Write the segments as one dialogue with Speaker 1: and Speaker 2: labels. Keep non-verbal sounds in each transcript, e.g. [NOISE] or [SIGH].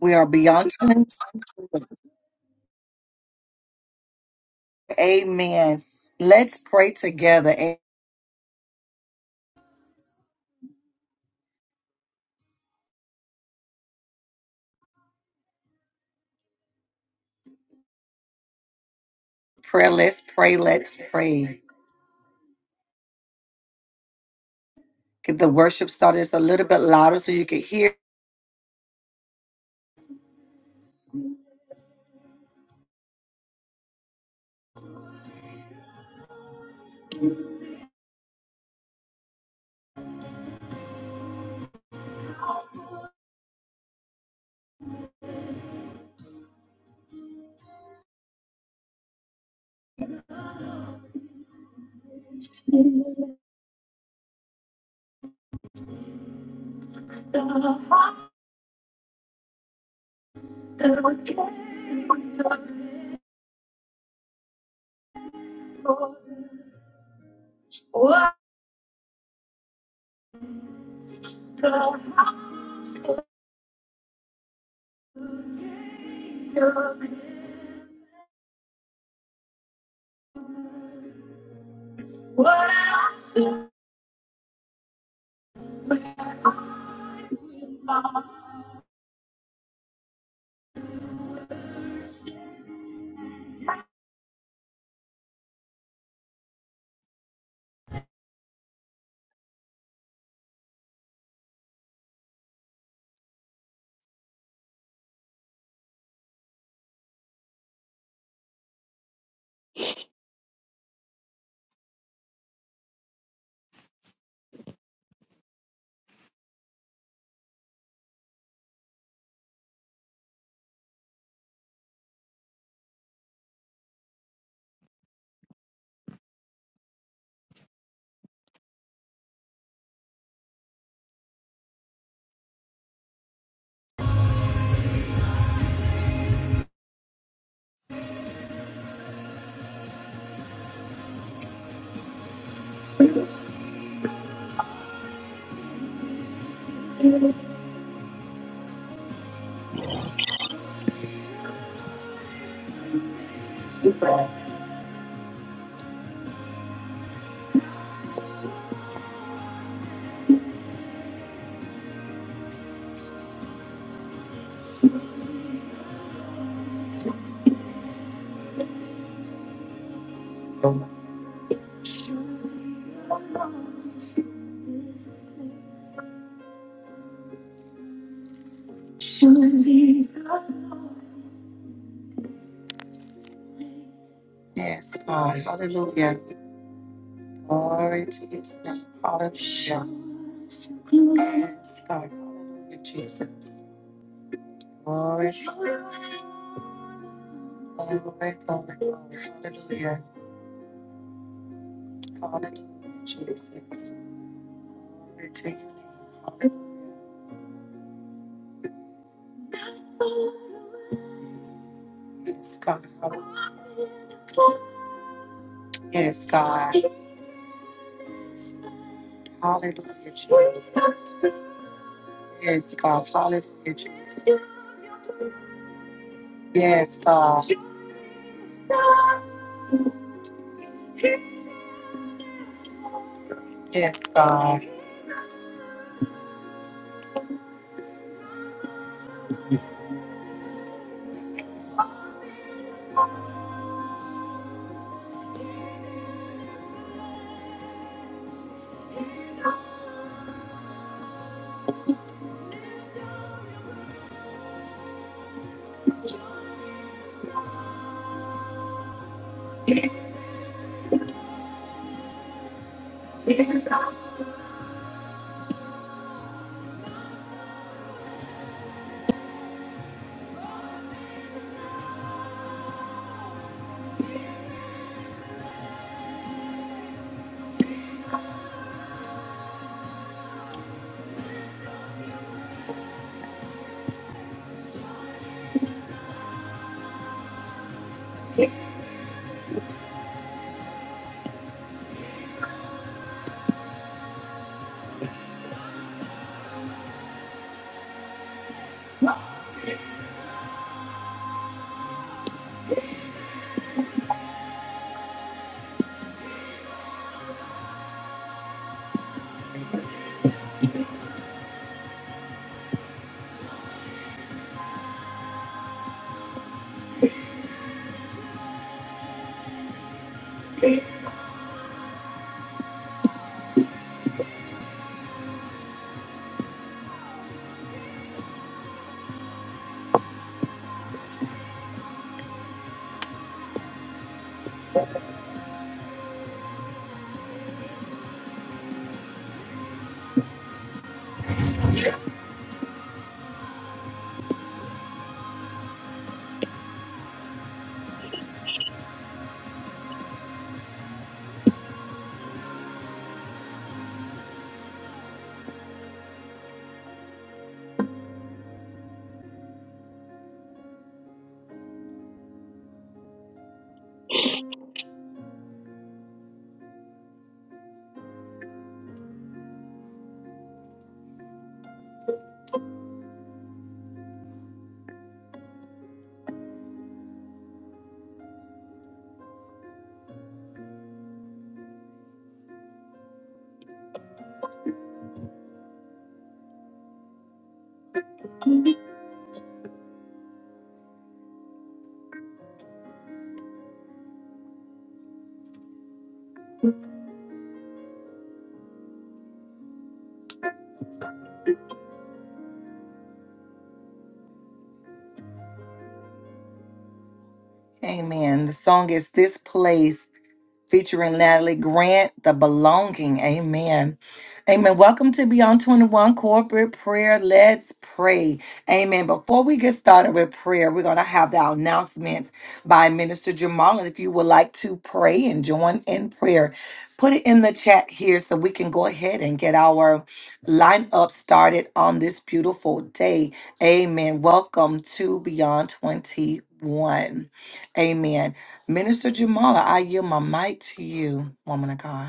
Speaker 1: We are beyond. twenty-two. Amen. Let's pray together. A Prayer. Let's pray. Let's pray. Get the worship started. It's a little bit louder so you can hear. Yes, God. Hallelujah. Glory to His name. Hallelujah. Yes, God. Hallelujah, Jesus. Glory. Glory, glory, glory. Hallelujah. Hallelujah, Jesus. Glory to you. Yes, God. Hallelujah. Yes, God. Hallelujah, Jesus. Yes, God. Hallelujah, Jesus. Yes, God. Yes, God. Amen. The song is This Place featuring Natalie Grant, The Belonging. Amen. Amen. Welcome to Beyond 21 Corporate Prayer. Let's pray. Amen. Before we get started with prayer, we're going to have the announcements by Minister Jamal. And if you would like to pray and join in prayer, put it in the chat here so we can go ahead and get our lineup started on this beautiful day. Amen. Welcome to Beyond 21. Amen. Minister Jamala, I yield my mic to you, woman of God.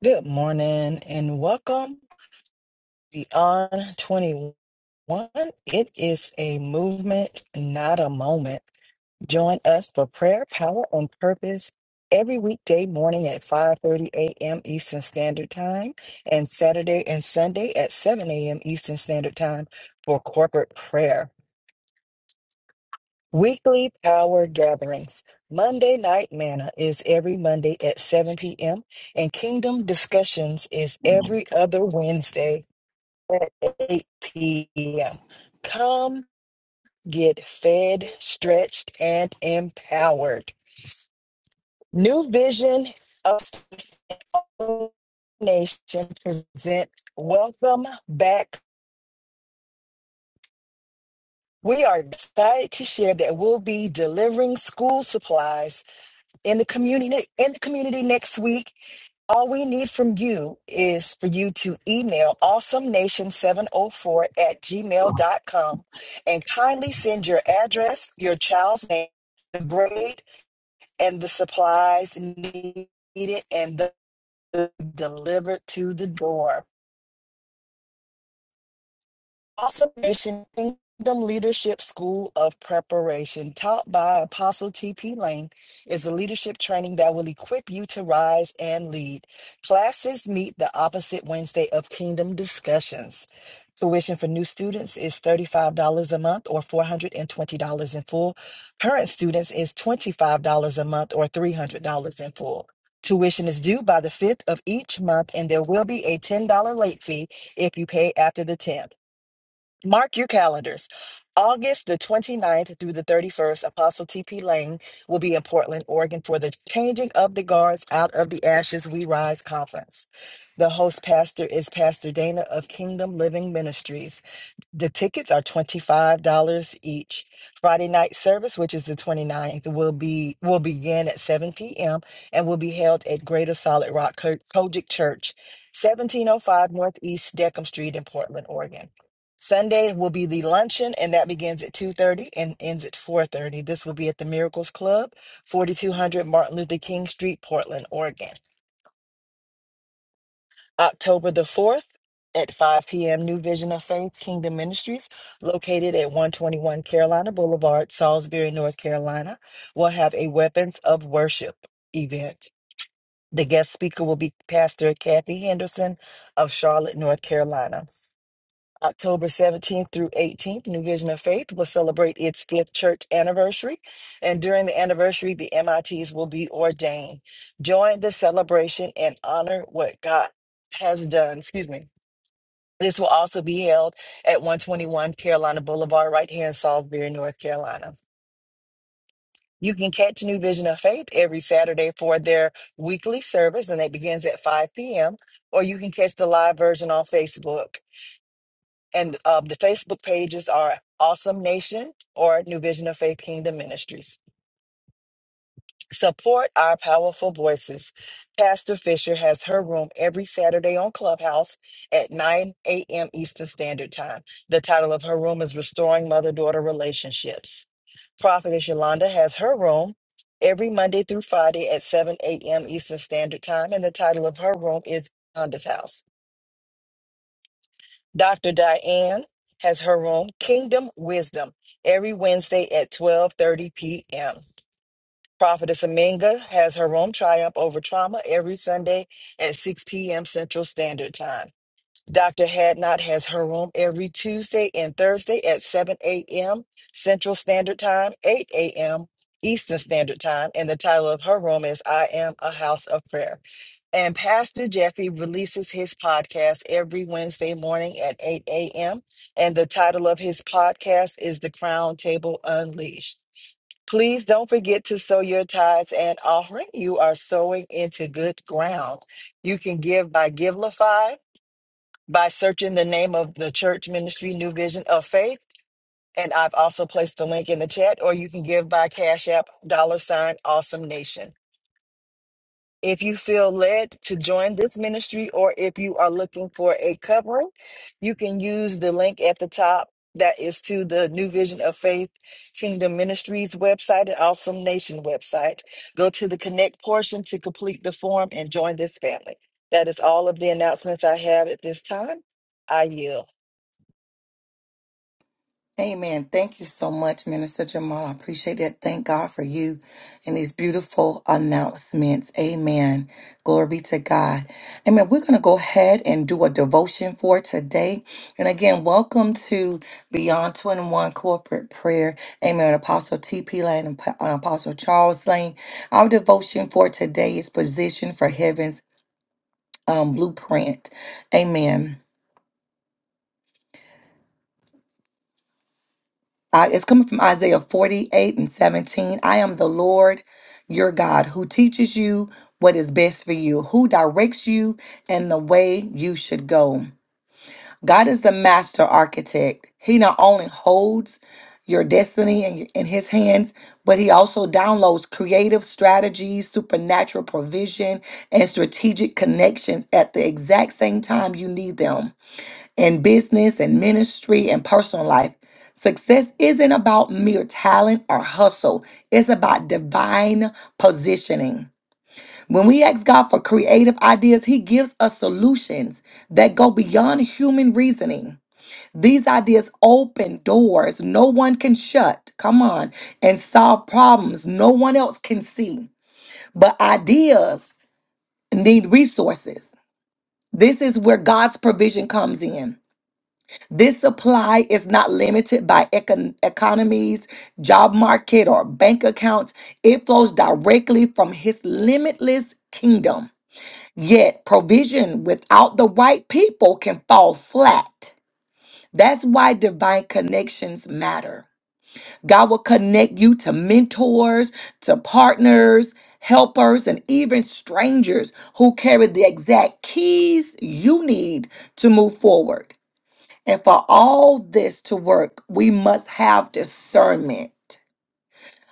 Speaker 2: Good morning and welcome beyond 21. It is a movement, not a moment. Join us for prayer, power, and purpose every weekday morning at 5:30 a.m. Eastern Standard Time and Saturday and Sunday at 7 a.m. Eastern Standard Time for corporate prayer. Weekly power gatherings. Monday Night Manna is every Monday at 7 p.m. and Kingdom Discussions is every other Wednesday at 8 p.m. Come get fed, stretched, and empowered. New Vision of Nation presents Welcome Back. We are excited to share that we'll be delivering school supplies in the community in the community next week All we need from you is for you to email awesome nation 704 at gmail dot com, and kindly send your address, your child's name, the grade, and the supplies needed and the delivered to the door. Awesome Nation Kingdom Leadership School of Preparation, taught by Apostle T.P. Lane, is a leadership training that will equip you to rise and lead. Classes meet the opposite Wednesday of Kingdom Discussions. Tuition for new students is $35 a month or $420 in full. Current students is $25 a month or $300 in full. Tuition is due by the 5th of each month, and there will be a $10 late fee if you pay after the 10th. Mark your calendars. August the 29th through the 31st, Apostle T.P. Lane will be in Portland, Oregon for the Changing of the Guards Out of the Ashes We Rise conference. The host pastor is Pastor Dana of Kingdom Living Ministries. The tickets are $25 each. Friday night service, which is the twenty-ninth, will be will begin at 7 p.m. and will be held at Greater Solid Rock Co- Kojic Church, 1705 Northeast Deckham Street in Portland, Oregon. Sunday will be the luncheon, and that begins at 2:30 and ends at 4:30. This will be at the Miracles Club, 4200 Martin Luther King Street, Portland, Oregon. October the 4th at 5 p.m., New Vision of Faith Kingdom Ministries, located at 121 Carolina Boulevard, Salisbury, North Carolina, will have a Weapons of Worship event. The guest speaker will be Pastor Kathy Henderson of Charlotte, North Carolina. October 17th through 18th, New Vision of Faith will celebrate its fifth church anniversary. And during the anniversary, the MITs will be ordained. Join the celebration and honor what God has done. Excuse me this will also be held at 121 Carolina Boulevard, right here in Salisbury, North Carolina. You can catch New Vision of Faith every Saturday for their weekly service, and it begins at 5 p.m. Or you can catch the live version on Facebook. And uh, the Facebook pages are Awesome Nation or New Vision of Faith Kingdom Ministries. Support our powerful voices. Pastor Fisher has her room every Saturday on Clubhouse at 9 a.m. Eastern Standard Time. The title of her room is Restoring Mother Daughter Relationships. Prophetess Yolanda has her room every Monday through Friday at 7 a.m. Eastern Standard Time, and the title of her room is Yolanda's House. Dr. Diane has her room, Kingdom Wisdom, every Wednesday at 12:30 p.m. Prophetess Aminga has her room Triumph Over Trauma every Sunday at 6 p.m. Central Standard Time. Dr. Hadnot has her room every Tuesday and Thursday at 7 a.m. Central Standard Time, 8 a.m. Eastern Standard Time, and the title of her room is I Am a House of Prayer. And Pastor Jeffy releases his podcast every Wednesday morning at 8 a.m. And the title of his podcast is The Crown Table Unleashed. Please don't forget to sow your tithes and offering. You are sowing into good ground. You can give by Givelify, by searching the name of the church ministry, New Vision of Faith. And I've also placed the link in the chat, or you can give by Cash App, dollar sign, awesome nation. If you feel led to join this ministry or if you are looking for a covering, you can use the link at the top that is to the New Vision of Faith Kingdom Ministries website and Awesome Nation website. Go to the connect portion to complete the form and join this family. That is all of the announcements I have at this time. I yield.
Speaker 1: Amen. Thank you so much, Minister Jamal. I appreciate that. Thank God for you and these beautiful announcements. Amen. Glory be to God. Amen. We're going to go ahead and do a devotion for today. And again, welcome to Beyond 2 and 1 Corporate Prayer. Amen. Apostle T.P. Lane and Pa- uh, Apostle Charles Lane. Our devotion for today is Position for Heaven's um, Blueprint. Amen. Uh, it's coming from Isaiah 48 and 17. I am the Lord your God who teaches you what is best for you, who directs you in the way you should go. God is the master architect. He not only holds your destiny in, in his hands, but he also downloads creative strategies, supernatural provision, and strategic connections at the exact same time you need them in business and ministry and personal life. Success isn't about mere talent or hustle, it's about divine positioning. When we ask God for creative ideas, He gives us solutions that go beyond human reasoning. These ideas open doors no one can shut, come on, and solve problems no one else can see. But ideas need resources. This is where God's provision comes in. This supply is not limited by econ- economies, job market, or bank accounts. It flows directly from his limitless kingdom. Yet, provision without the right people can fall flat. That's why divine connections matter. God will connect you to mentors, to partners, helpers, and even strangers who carry the exact keys you need to move forward. And for all this to work, we must have discernment,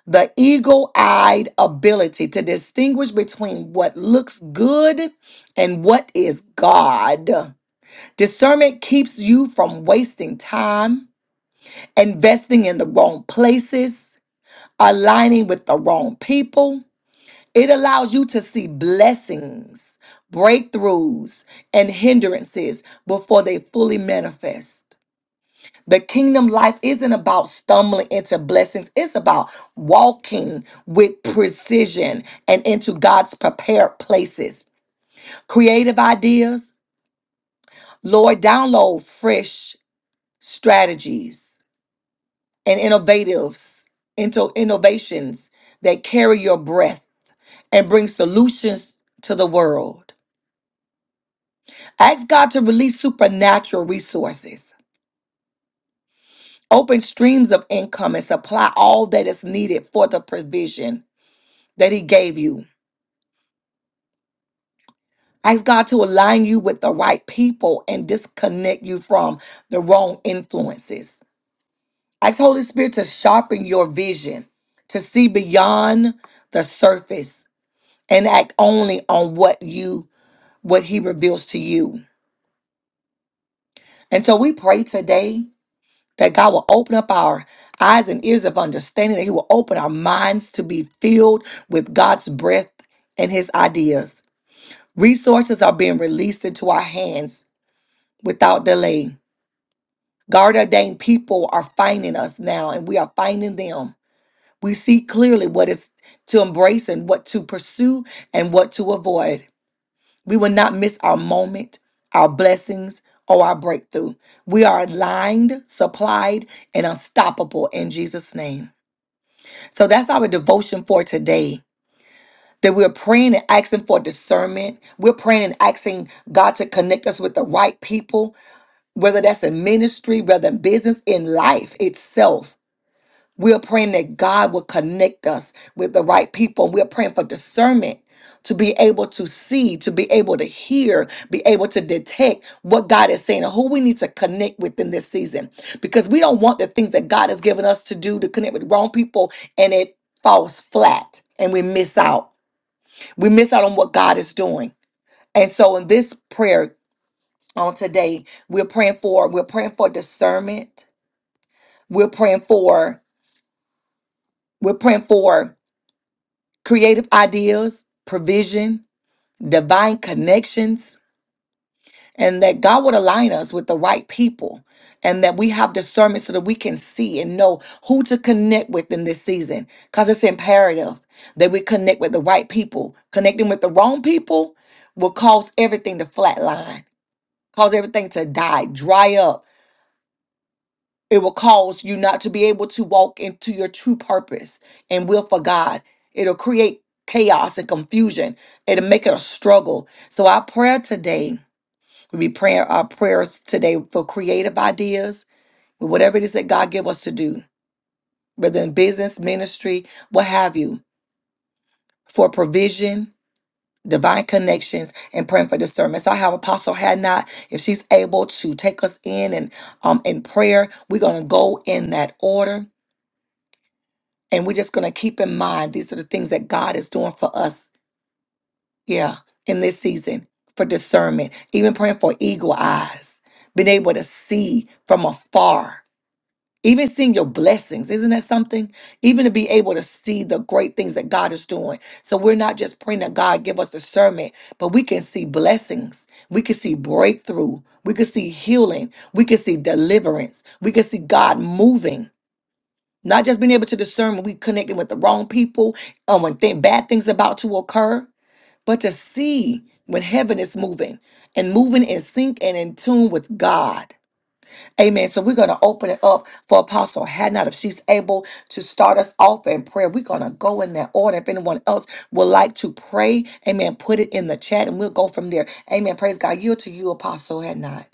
Speaker 1: the eagle eyed ability to distinguish between what looks good and what is God. Discernment keeps you from wasting time, investing in the wrong places, aligning with the wrong people. It allows you to see blessings, breakthroughs, and hindrances before they fully manifest. The kingdom life isn't about stumbling into blessings, it's about walking with precision and into God's prepared places. Creative ideas, Lord, download fresh strategies and innovatives into innovations that carry your breath and bring solutions to the world. Ask God to release supernatural resources. Open streams of income and supply all that is needed for the provision that He gave you. Ask God to align you with the right people and disconnect you from the wrong influences. Ask Holy Spirit to sharpen your vision, to see beyond the surface and act only on what you what he reveals to you. And so we pray today that God will open up our eyes and ears of understanding, that he will open our minds to be filled with God's breath and his ideas. Resources are being released into our hands without delay. God ordained people are finding us now, and we are finding them. We see clearly what is to embrace and what to pursue and what to avoid. We will not miss our moment, our blessings, or our breakthrough. We are aligned, supplied, and unstoppable in Jesus' name. So that's our devotion for today. That we're praying and asking for discernment. We're praying and asking God to connect us with the right people whether that's in ministry, whether in business, in life itself. We're praying that God will connect us with the right people. We're praying for discernment to be able to see, to be able to hear, be able to detect what God is saying and who we need to connect with in this season. Because we don't want the things that God has given us to do to connect with wrong people and it falls flat and we miss out. We miss out on what God is doing. And so in this prayer on today, we're praying for, we're praying for discernment we're praying for we're praying for creative ideas, provision, divine connections, and that God would align us with the right people and that we have discernment so that we can see and know who to connect with in this season because it's imperative that we connect with the right people. Connecting with the wrong people will cause everything to flatline, cause everything to die, dry up It will cause you not to be able to walk into your true purpose and will for God. It'll create chaos and confusion. It'll make it a struggle. So our prayer today, we be praying our prayers today for creative ideas, whatever it is that God give us to do, whether in business, ministry, what have you, for provision, divine connections, and praying for discernment. So I have Apostle Hadnot, if she's able to take us in and um in prayer, we're gonna go in that order And we're just going to keep in mind these are the things that God is doing for us, yeah, in this season for discernment, even praying for eagle eyes, being able to see from afar, even seeing your blessings. Isn't that something? Even to be able to see the great things that God is doing. So we're not just praying that God give us discernment, but we can see blessings. We can see breakthrough. We can see healing. We can see deliverance. We can see God moving. Not just being able to discern when we connecting with the wrong people, um, when th- bad things about to occur, but to see when heaven is moving and moving in sync and in tune with God. Amen. So we're going to open it up for Apostle Hannah if she's able to start us off in prayer. We're going to go in that order. If anyone else would like to pray, amen, put it in the chat and we'll go from there. Amen. Praise God. Yield to you, Apostle Hannah.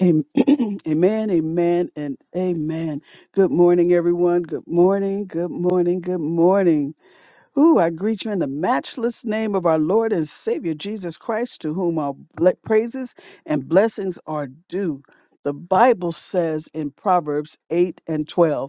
Speaker 3: Am- [CLEARS THROAT] Amen, amen, and amen. Good morning, everyone. Good morning, good morning, good morning. Ooh, I greet you in the matchless name of our Lord and Savior Jesus Christ, to whom all ble- praises and blessings are due. The Bible says in Proverbs 8 and 12.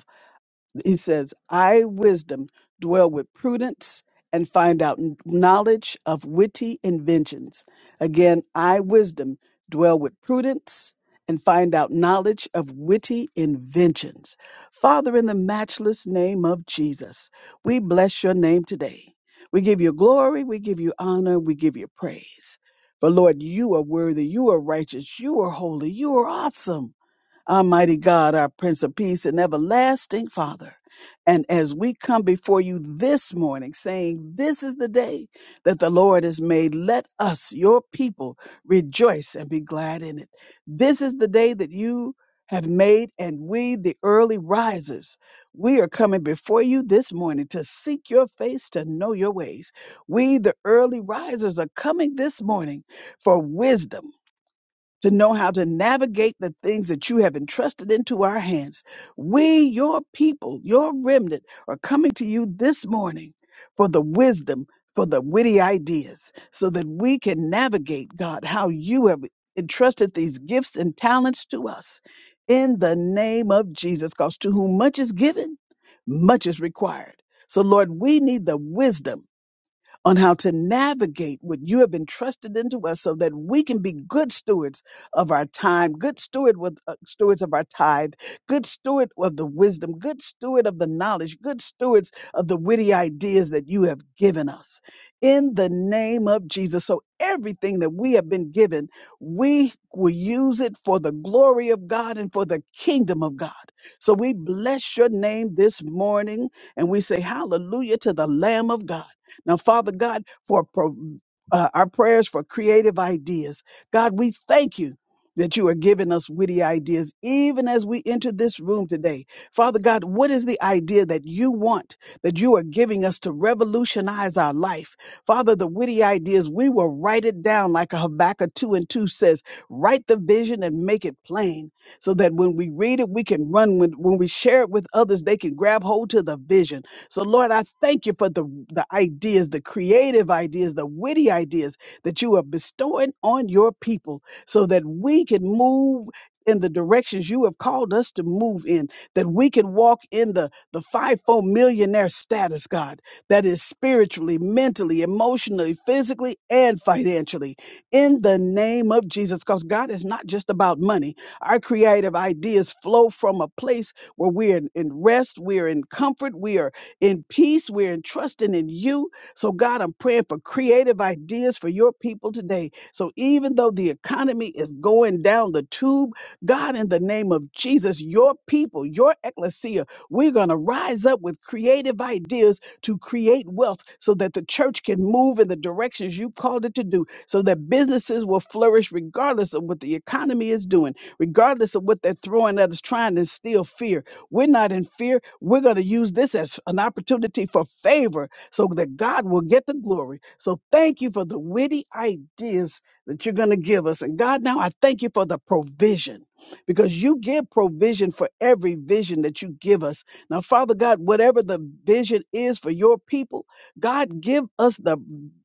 Speaker 3: He says, I, wisdom, dwell with prudence and find out n- knowledge of witty inventions. Again, I, wisdom, dwell with prudence and find out knowledge of witty inventions. Father, in the matchless name of Jesus, we bless your name today. We give you glory, we give you honor, we give you praise. For Lord, you are worthy, you are righteous, you are holy, you are awesome. Almighty God, our Prince of Peace and everlasting Father. And as we come before you this morning saying, This is the day that the Lord has made, let us, your people, rejoice and be glad in it. This is the day that you have made, and we, the early risers, we are coming before you this morning to seek your face, to know your ways. We, the early risers, are coming this morning for wisdom to know how to navigate the things that you have entrusted into our hands. We, your people, your remnant, are coming to you this morning for the wisdom, for the witty ideas, so that we can navigate, God, how you have entrusted these gifts and talents to us in the name of Jesus. Because to whom much is given, much is required. So, Lord, we need the wisdom on how to navigate what you have entrusted into us so that we can be good stewards of our time, good steward with, uh, stewards of our tithe, good steward of the wisdom, good steward of the knowledge, good stewards of the witty ideas that you have given us. In the name of Jesus. So everything that we have been given, we will use it for the glory of God and for the kingdom of God. So we bless your name this morning and we say hallelujah to the Lamb of God. Now, Father God, for pro- uh, our prayers for creative ideas, God, we thank you. That you are giving us witty ideas, even as we enter this room today. Father God, what is the idea that you want, that you are giving us to revolutionize our life? Father, the witty ideas, we will write it down like a Habakkuk 2 and 2 says, write the vision and make it plain so that when we read it, we can run. When, when we share it with others, they can grab hold to the vision. So, Lord, I thank you for the, the ideas, the creative ideas, the witty ideas that you are bestowing on your people so that we can move in the directions you have called us to move in, that we can walk in the, the fivefold millionaire status, God, that is spiritually, mentally, emotionally, physically, and financially. In the name of Jesus, because God is not just about money. Our creative ideas flow from a place where we're in, in rest, we're in comfort, we are in peace. We're entrusting in you. So, God, I'm praying for creative ideas for your people today. So, even though the economy is going down the tube, God, in the name of Jesus, your people, your ecclesia, we're going to rise up with creative ideas to create wealth so that the church can move in the directions you called it to do, so that businesses will flourish regardless of what the economy is doing, regardless of what they're throwing at us, trying to instill fear. We're not in fear. We're going to use this as an opportunity for favor so that God will get the glory. So thank you for the witty ideas that you're going to give us. And God, now I thank you for the provision because you give provision for every vision that you give us. Now, Father God, whatever the vision is for your people, God, give us the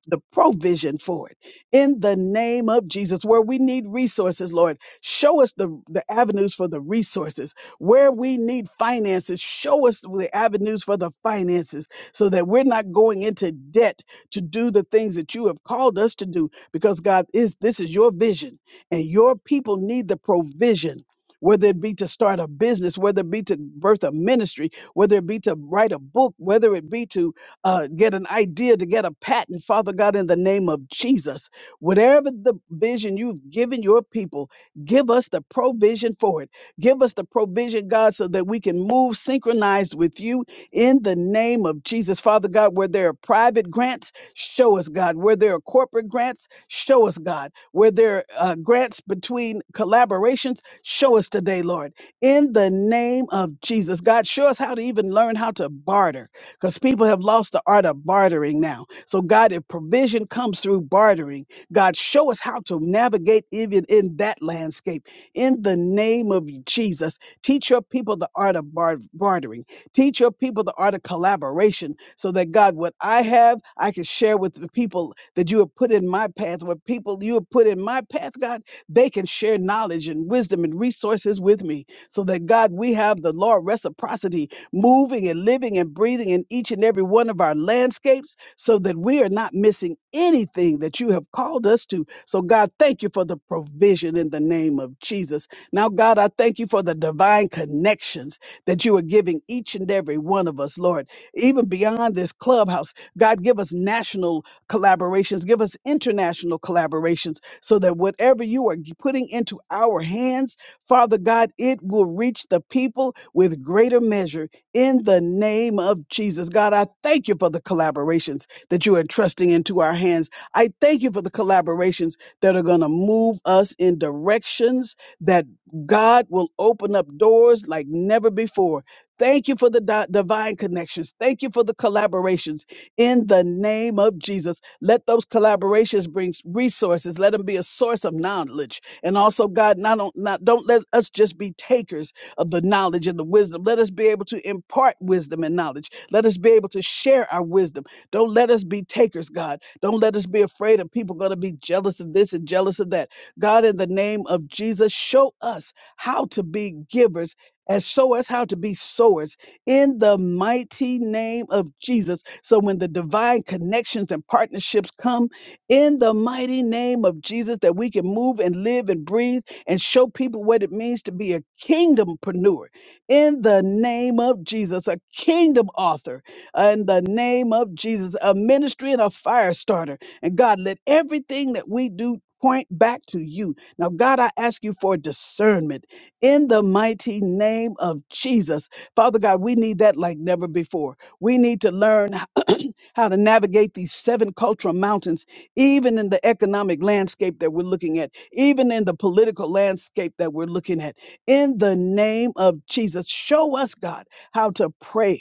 Speaker 3: the provision for it in the name of Jesus. Where we need resources, Lord, show us the, the avenues for the resources where we need finances, show us the avenues for the finances so that we're not going into debt to do the things that you have called us to do because God is this is your vision and your people need the provision. Whether it be to start a business, whether it be to birth a ministry, whether it be to write a book, whether it be to uh, get an idea, to get a patent, Father God, in the name of Jesus, whatever the vision you've given your people, give us the provision for it Give us the provision, God, so that we can move synchronized with you in the name of Jesus. Father God, where there are private grants, show us, God. Where there are corporate grants, show us, God. Where there are uh, grants between collaborations, show us today, Lord. In the name of Jesus, God, show us how to even learn how to barter because people have lost the art of bartering now. So, God, if provision comes through bartering, God, show us how to navigate even in that landscape in the name of Jesus. Teach your people the art of bar- bartering. Teach your people the art of collaboration so that God, what I have, I can share with the people that you have put in my path. What people you have put in my path, God, they can share knowledge and wisdom and resources with me so that God, we have the law of reciprocity moving and living and breathing in each and every one of our landscapes so that we are not missing anything that you have called us to so, God, thank you for the provision in the name of Jesus. Now, God, I thank you for the divine connections that you are giving each and every one of us, Lord, even beyond this clubhouse. God, give us national collaborations, give us international collaborations so that whatever you are g- putting into our hands, Father God, it will reach the people with greater measure in the name of Jesus. God, I thank you for the collaborations that you are entrusting into our hands. I thank you for the collaborations that are going to move us in directions that God will open up doors like never before. Thank you for the di- divine connections. Thank you for the collaborations in the name of Jesus. Let those collaborations bring resources. Let them be a source of knowledge. And also, God, not, on, not don't let us just be takers of the knowledge and the wisdom. Let us be able to impart wisdom and knowledge. Let us be able to share our wisdom. Don't let us be takers, God. Don't let us be afraid of people going to be jealous of this and jealous of that. God, in the name of Jesus, show us how to be givers and show us how to be sowers in the mighty name of Jesus. So when the divine connections and partnerships come in the mighty name of Jesus, that we can move and live and breathe and show people what it means to be a kingdompreneur in the name of Jesus, a kingdom author uh, in the name of Jesus, a ministry and a fire starter. And God, let everything that we do point back to you. Now, God, I ask you for discernment in the mighty name of Jesus. Father God, we need that like never before. We need to learn [CLEARS THROAT] how to navigate these seven cultural mountains, even in the economic landscape that we're looking at, even in the political landscape that we're looking at. In the name of Jesus, show us, God, how to pray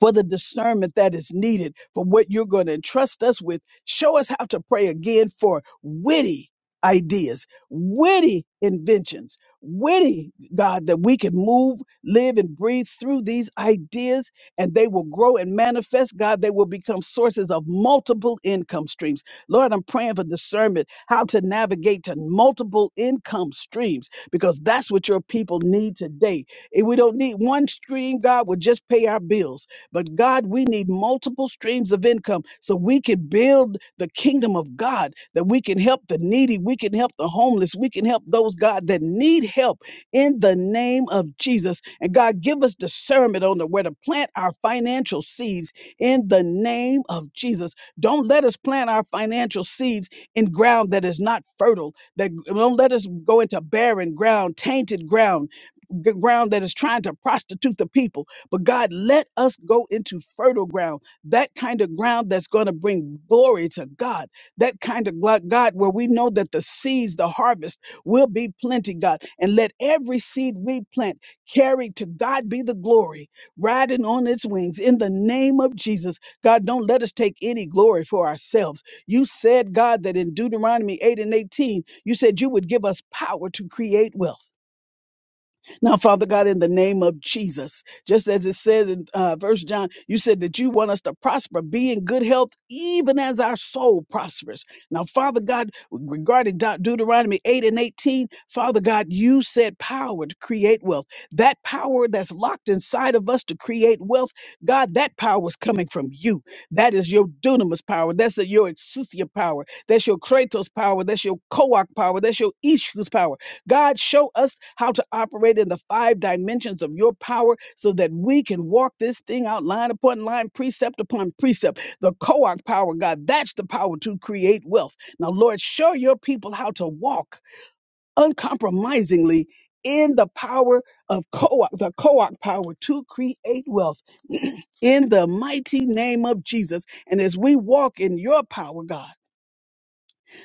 Speaker 3: for the discernment that is needed for what you're going to entrust us with. Show us how to pray again for witty ideas, witty inventions, witty, God, that we can move, live, and breathe through these ideas and they will grow and manifest. God, they will become sources of multiple income streams. Lord, I'm praying for discernment, how to navigate to multiple income streams, because that's what your people need today. And we don't need one stream, God, will just pay our bills. But God, we need multiple streams of income so we can build the kingdom of God, that we can help the needy, we can help the homeless, we can help those, God, that need help in the name of Jesus. And God, give us discernment on the, where to plant our financial seeds in the name of Jesus. Don't let us plant our financial seeds in ground that is not fertile, that don't let us go into barren ground, tainted ground g- ground that is trying to prostitute the people. But God, let us go into fertile ground, that kind of ground that's going to bring glory to God, that kind of glo- God where we know that the seeds, the harvest will be plenty, God. And let every seed we plant carry to God be the glory, riding on its wings in the name of Jesus. God, don't let us take any glory for ourselves. You said, God, that in Deuteronomy 8 and 18, you said you would give us power to create wealth. Now, Father God, in the name of Jesus, just as it says in uh, verse John, you said that you want us to prosper, be in good health, even as our soul prospers. Now, Father God, regarding De- Deuteronomy 8 and 18, Father God, you said power to create wealth. That power that's locked inside of us to create wealth, God, that power is coming from you. That is your dunamis power. That's your exousia power. That's your kratos power. That's your koach power. That's your issues power. God, show us how to operate in the five dimensions of your power so that we can walk this thing out line upon line, precept upon precept. The Koach power, God, that's the power to create wealth. Now, Lord, show your people how to walk uncompromisingly in the power of Koach, the Koach power to create wealth [CLEARS THROAT] in the mighty name of Jesus. And as we walk in your power, God,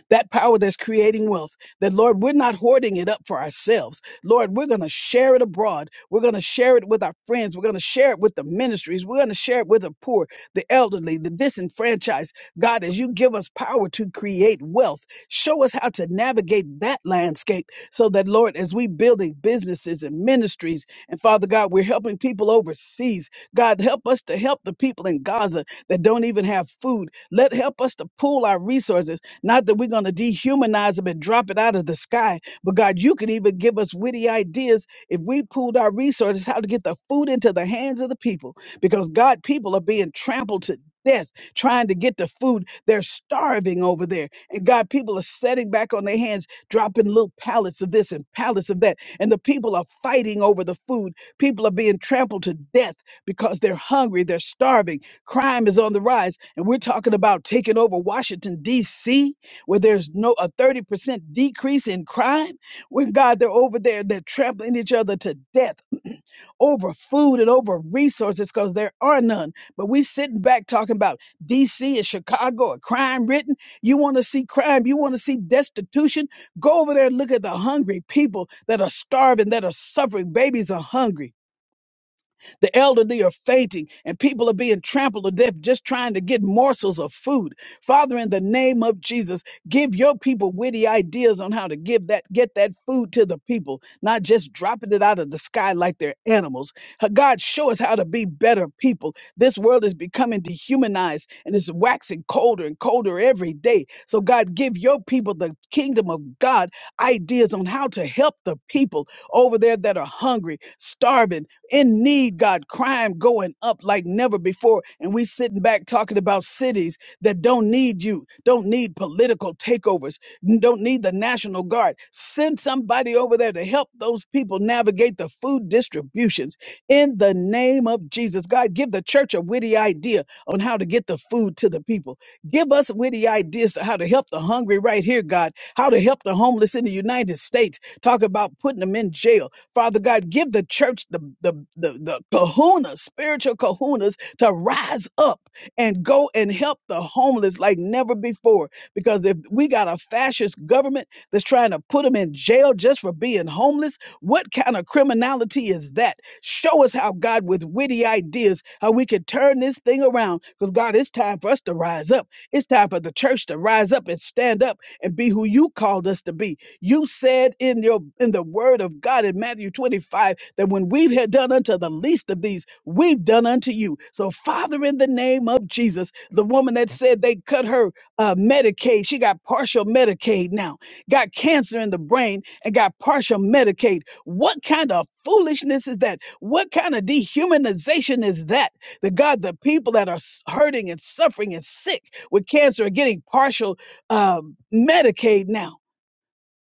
Speaker 3: that power that's creating wealth, that Lord, we're not hoarding it up for ourselves. Lord, we're going to share it abroad. We're going to share it with our friends. We're going to share it with the ministries. We're going to share it with the poor, the elderly, the disenfranchised. God, as you give us power to create wealth, show us how to navigate that landscape so that, Lord, as we building businesses and ministries, and Father God, we're helping people overseas. God, help us to help the people in Gaza that don't even have food. Let help us to pool our resources. Not that we're going to dehumanize them and drop it out of the sky, but God, you could even give us witty ideas if we pooled our resources how to get the food into the hands of the people. Because God, people are being trampled to death trying to get the food. They're starving over there. And God, people are setting back on their hands, dropping little pallets of this and pallets of that. And the people are fighting over the food. People are being trampled to death because they're hungry, they're starving. Crime is on the rise. And we're talking about taking over Washington, D.C., where there's no a 30% decrease in crime. When God, they're over there, they're trampling each other to death over food and over resources because there are none. But we sitting back talking about DC and Chicago and crime written. You want to see crime, you want to see destitution. Go over there and look at the hungry people that are starving, that are suffering. Babies are hungry. The elderly are fainting, and people are being trampled to death just trying to get morsels of food. Father, in the name of Jesus, give your people witty ideas on how to give that, get that food to the people, not just dropping it out of the sky like they're animals. Uh, God, show us how to be better people. This world is becoming dehumanized and it's waxing colder and colder every day. So, God, give your people the kingdom of God ideas on how to help the people over there that are hungry, starving in need, God, crime going up like never before. And we sitting back talking about cities that don't need you, don't need political takeovers, n- don't need the National Guard. Send somebody over there to help those people navigate the food distributions in the name of Jesus. God, give the church a witty idea on how to get the food to the people. Give us witty ideas to how to help the hungry right here, God, how to help the homeless in the United States. Talk about putting them in jail Father God, give the church the, the, the, the kahuna, spiritual kahunas to rise up and go and help the homeless like never before. Because if we got a fascist government that's trying to put them in jail just for being homeless, what kind of criminality is that? Show us how God, with witty ideas, how we can turn this thing around. Because God, it's time for us to rise up. It's time for the church to rise up and stand up and be who you called us to be you said in your in the word of God in Matthew 25 that when we've had done unto the least of these, we've done unto you. So, Father, in the name of Jesus, the woman that said they cut her uh, Medicaid, she got partial Medicaid now, got cancer in the brain and got partial Medicaid. What kind of foolishness is that? What kind of dehumanization is that? The God, the people that are s- hurting and suffering and sick with cancer are getting partial uh, Medicaid now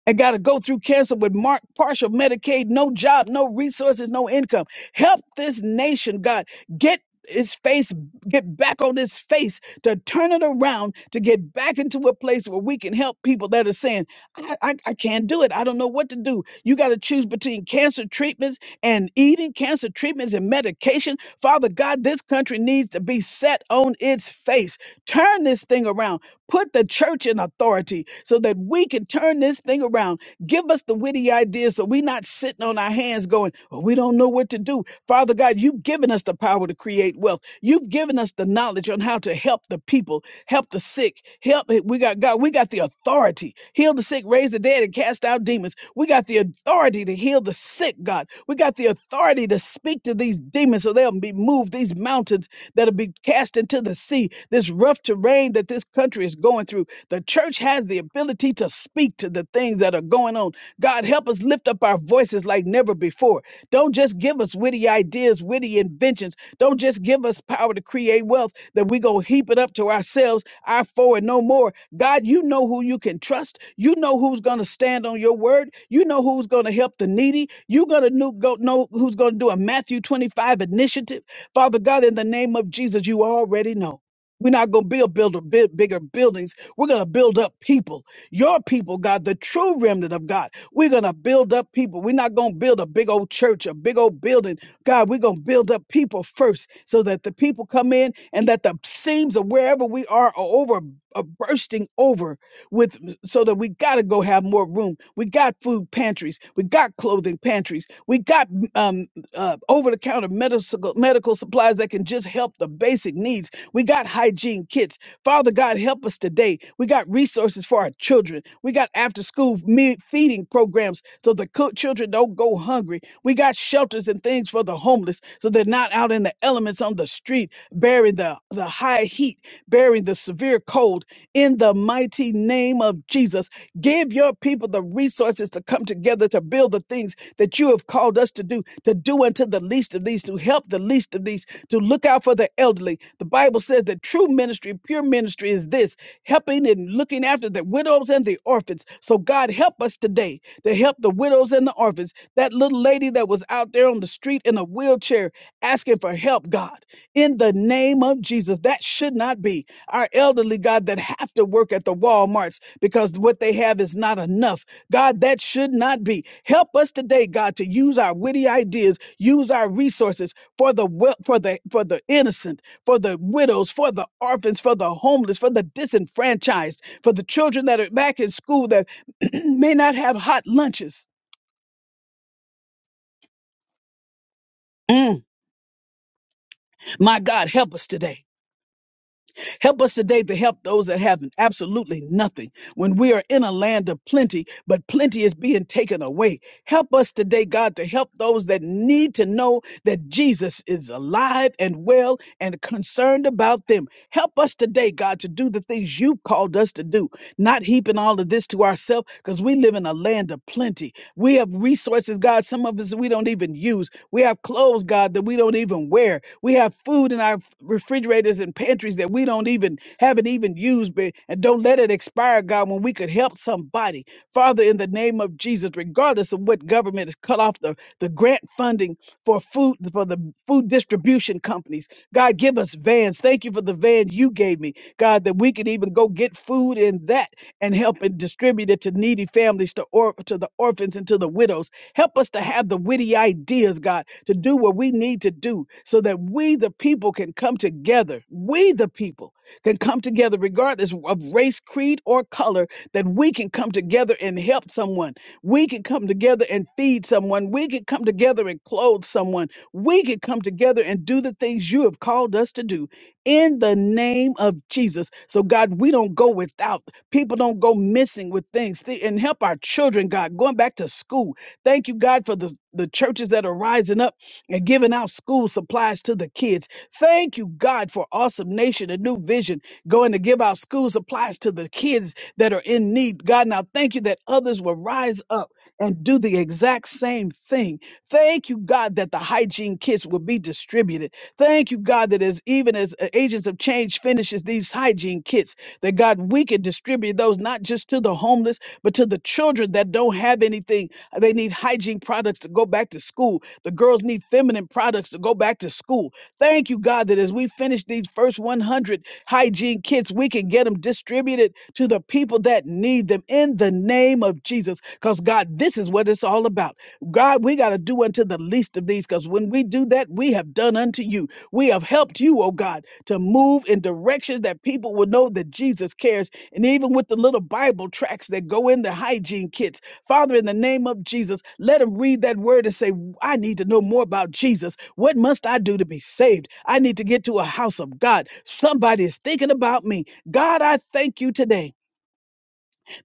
Speaker 3: and got to go through cancer with mark, partial Medicaid, no job, no resources, no income. Help this nation, God. Get its face, get back on its face to turn it around, to get back into a place where we can help people that are saying, I, I, I can't do it. I don't know what to do. You got to choose between cancer treatments and eating, cancer treatments and medication. Father God, this country needs to be set on its face. Turn this thing around. Put the church in authority so that we can turn this thing around. Give us the witty ideas so we're not sitting on our hands going, oh, we don't know what to do. Father God, you've given us the power to create wealth. You've given us the knowledge on how to help the people, help the sick, help. eh, We got God, we got the authority. Heal the sick, raise the dead, and cast out demons. We got the authority to heal the sick, God. We got the authority to speak to these demons so they'll they'll be moved. These mountains that'll be cast into the sea, this rough terrain that this country is going through. The church has the ability to speak to the things that are going on. God, help us lift up our voices like never before. Don't just give us witty ideas, witty inventions. Don't just give us power to create wealth that we go heap it up to ourselves, our four and no more. God, you know who you can trust. You know who's going to stand on your word. You know who's going to help the needy. You're going to know, go, know who's going to do a Matthew 25 initiative. Father God, in the name of Jesus, you already know. We're not going to build, build a bit bigger buildings. We're going to build up people, your people, God, the true remnant of God. We're going to build up people. We're not going to build a big old church, a big old building. God, we're going to build up people first so that the people come in and that the seams of wherever we are are over are bursting over with so that we got to go have more room we got food pantries we got clothing pantries we got um, uh, over-the-counter medical medical supplies that can just help the basic needs we got hygiene kits Father God, help us today. We got resources for our children. We got after school me- feeding programs so the co- children don't go hungry. We got shelters and things for the homeless so they're not out in the elements on the street, bearing the, the high heat, bearing the severe cold. In the mighty name of Jesus, give your people the resources to come together to build the things that you have called us to do, to do unto the least of these, to help the least of these, to look out for the elderly. The Bible says that true ministry, pure ministry is this helping and looking after the widows and the orphans. So, God, help us today to help the widows and the orphans. That little lady that was out there on the street in a wheelchair asking for help help, God, in the name of Jesus. That should not be our elderly, God, that have to work at the Walmarts because what they have is not enough. God, that should not be. Help us today, God, to use our witty ideas, use our resources for the well, for the for the innocent, for the widows, for the orphans, for the homeless, for the disenfranchised, for the children that are back in school that [CLEARS THROAT] may not have hot lunches. Mm, my God, help us today. Help us today to help those that have absolutely nothing. When we are in a land of plenty, but plenty is being taken away. Help us today, God, to help those that need to know that Jesus is alive and well and concerned about them. Help us today, God, to do the things you've called us to do, not heaping all of this to ourselves because we live in a land of plenty. We have resources, God, some of us we don't even use. We have clothes, God, that we don't even wear. We have food in our refrigerators and pantries that we don't even haven't even used but- and don't let it expire, God, when we could help somebody. Father, Father, in the name of Jesus, regardless of what government has cut off the, the grant funding for food, for the food distribution companies, God, give us vans. Thank you for the van you gave me, God, that we could even go get food in that and help and distribute it to needy families, to, or, to the orphans, and to the widows. Help us to have the witty ideas, God, to do what we need to do so that we, the people, can come together. We, the people can come together regardless of race, creed, or color, that we can come together and help someone. We can come together and feed someone. We can come together and clothe someone. We can come together and do the things you have called us to do in the name of Jesus. So, God, we don't go without. People don't go missing with things. Th- And help our children, God, going back to school. Thank you, God, for the, the churches that are rising up and giving out school supplies to the kids Thank you, God, for Awesome Nation, a new vision, going to give out school supplies to the kids that are in need. God, now thank you that others will rise up and do the exact same thing. Thank you, God, that the hygiene kits will be distributed. Thank you, God, that as even as uh, Agents of Change finishes these hygiene kits, that God, we can distribute those not just to the homeless, but to the children children that don't have anything. uh, They need hygiene products to go back to school. The girls need feminine products to go back to school. Thank you, God, that as we finish these first 100 hygiene kits, we can get them distributed to the people that need them in the name of Jesus. Because, God, this is what it's all about. God, we got to do unto the least of these because when we do that, we have done unto you. We have helped you, oh God, to move in directions that people will know that Jesus cares and even with the little Bible tracts that go in the hygiene kits. Father, in the name of Jesus, let them read that word and say, I need to know more about Jesus. What must I do to be saved? I need to get to a house of God. Somebody is thinking about me. God, I thank you today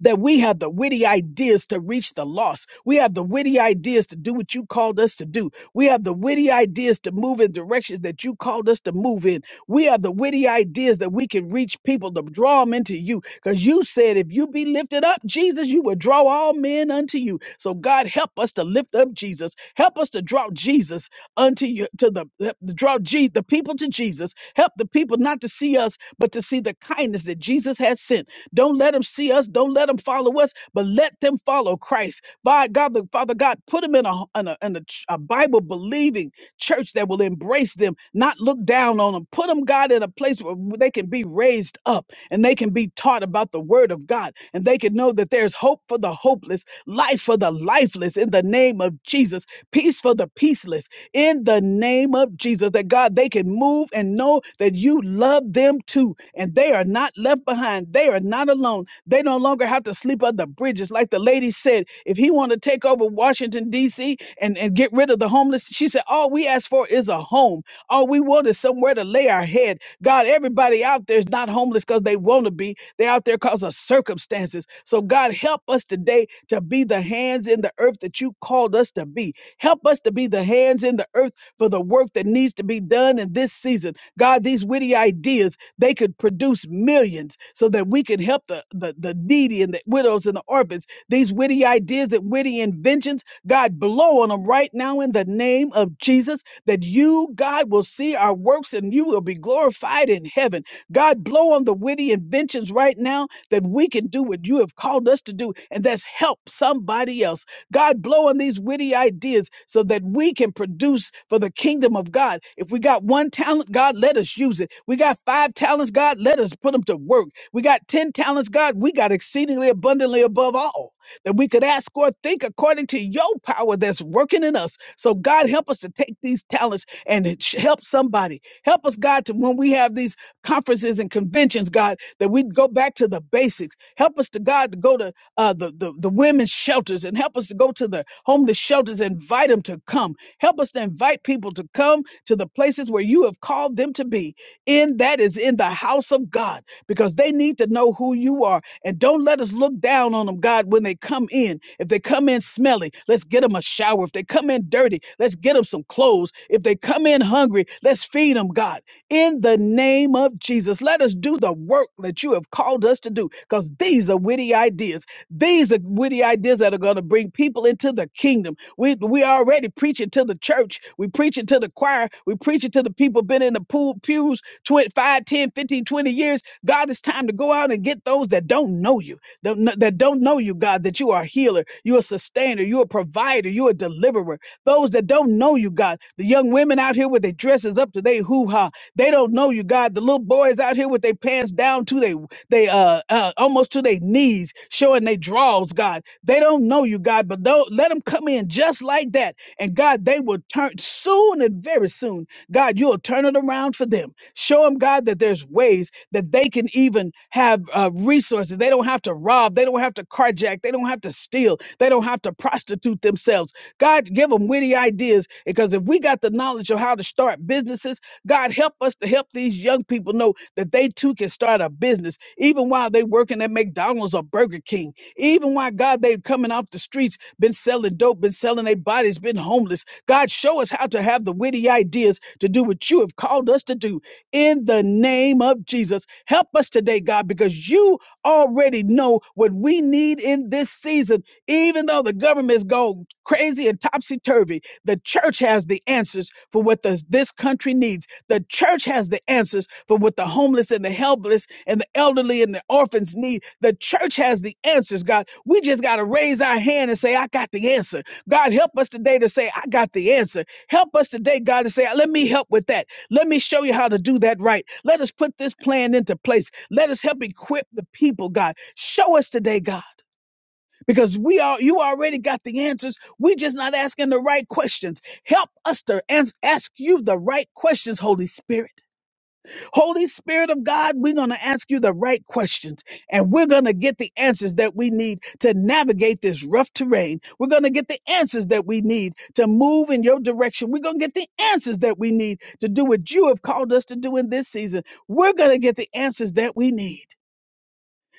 Speaker 3: that we have the witty ideas to reach the lost. We have the witty ideas to do what you called us to do. We have the witty ideas to move in directions that you called us to move in. We have the witty ideas that we can reach people to draw them into you. Because you said, if you be lifted up, Jesus, you will draw all men unto you. So God, help us to lift up Jesus. Help us to draw Jesus unto you, to the help draw Je- the people to Jesus. Help the people not to see us, but to see the kindness that Jesus has sent. Don't let them see us. Don't let them follow us, but let them follow Christ. By God, the Father God, put them in a, in a, in a, ch- a Bible believing church that will embrace them, not look down on them. Put them, God, in a place where they can be raised up and they can be taught about the word of God and they can know that there's hope for the hopeless, life for the lifeless in the name of Jesus, peace for the peaceless in the name of Jesus. That God, they can move and know that you love them too and they are not left behind and they are not alone. They no longer have to sleep under bridges. Like the lady said, if he want to take over Washington, D.C. And, and get rid of the homeless, she said, all we ask for is a home. All we want is somewhere to lay our head. God, everybody out there is not homeless because they want to be. They're out there because of circumstances. So God, help us today to be the hands in the earth that you called us to be. Help us to be the hands in the earth for the work that needs to be done in this season. God, these witty ideas. They could produce millions so that we could help the, the, the needy and the widows and the orphans. These witty ideas and witty inventions, God, blow on them right now in the name of Jesus, that you, God, will see our works and you will be glorified in heaven. God, blow on the witty inventions right now that we can do what you have called us to do, and that's help somebody else. God, blow on these witty ideas so that we can produce for the kingdom of God. If we got one talent, God, let us use it. We got five talents, God, let us put them to work. We got 10 talents, God, we got exceedingly abundantly above all that we could ask or think according to your power that's working in us. So, God, help us to take these talents and sh- help somebody. Help us, God, to when we have these conferences and conventions, God, that we'd go back to the basics. Help us to God to go to uh, the, the, the women's shelters and help us to go to the homeless shelters and invite them to come. Help us to invite people to come to the places where you have called them to be. In that is in the house of God because they need to know who you are. And don't let us look down on them, God, when they come in. If they come in smelly, let's get them a shower. If they come come in dirty, let's get them some clothes. If they come in hungry, let's feed them, God. In the name of Jesus, let us do the work that you have called us to do because these are witty ideas. These are witty ideas that are going to bring people into the kingdom. We, we already preach it to the church. We preach it to the choir. We preach it to the people been in the pool pews 20, five, ten, fifteen, twenty years. God, it's time to go out and get those that those that don't know you, that kn- that don't know you, God, that you are a healer, you're a sustainer, you're a provider, you're a deliverer. Those that don't know you, God, the young women out here with their dresses up to their hoo ha, they don't know you, God. The little boys out here with their pants down to they they uh, uh almost to their knees, showing their draws, God. They don't know you, God, but don't let them come in just like that, and God, they will turn soon and very soon. God, you'll turn it around for them. Show them, God, that there's ways that they can even have uh, resources. They don't have to rob. They don't have to carjack. They don't have to steal. They don't have to prostitute themselves. God, give them witty ideas because if we got the knowledge of how to start businesses, God, help us to help these young people know that they too can start a business, even while they working at McDonald's or Burger King, even while God, they coming off the streets, been selling dope, been selling their bodies, been homeless God, show us how to have the witty ideas to do what you have called us to do in the name of Jesus. Help us today, God, because you already know what we need in this season. Even though the government's gone crazy and topsy turvy, the church has the answers for what this, this country needs. The church has the answers for what the homeless and the helpless and the elderly and the orphans need. The church has the answers, God. We just got to raise our hand and say, I got the answer. God, help us today to say, I got the answer. Help us today, God, to say, let me help with that. Let me show you how to do that right. Let us put this plan into place. Let us help equip the people, God. Show us today, God. Because we are, you already got the answers. we just not asking the right questions. Help us to ans- ask you the right questions, Holy Spirit. Holy Spirit of God, we're going to ask you the right questions and we're going to get the answers that we need to navigate this rough terrain. We're going to get the answers that we need to move in your direction. We're going to get the answers that we need to do what you have called us to do in this season. We're going to get the answers that we need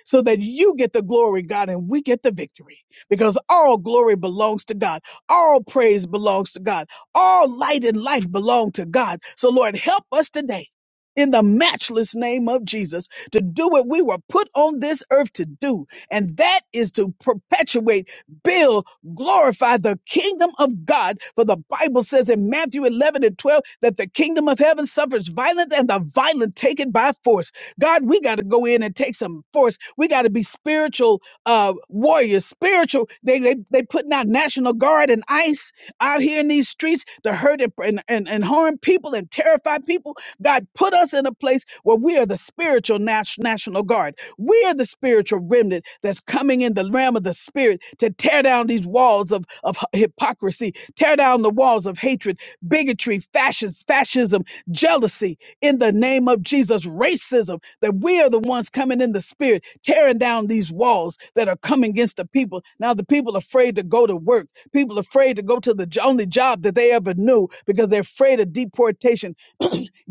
Speaker 3: so that you get the glory, God, and we get the victory. Because all glory belongs to God. All praise belongs to God. All light and life belong to God. So Lord, help us today in the matchless name of Jesus to do what we were put on this earth to do. And that is to perpetuate, build, glorify the kingdom of God. For the Bible says in Matthew 11 and 12 that the kingdom of heaven suffers violence and the violent take it by force. God, we got to go in and take some force. We got to be spiritual uh, warriors, spiritual. They, they, they putting out National Guard and ICE out here in these streets to hurt and, and, and, and harm people and terrify people. God, put us in a place where we are the spiritual nas- national guard. We are the spiritual remnant that's coming in the realm of the spirit to tear down these walls of, of hy- hypocrisy, tear down the walls of hatred, bigotry, fascism, fascism, jealousy in the name of Jesus, racism, that we are the ones coming in the spirit, tearing down these walls that are coming against the people. Now the people are afraid to go to work. People are afraid to go to the jo- only job that they ever knew because they're afraid of deportation [CLEARS THROAT]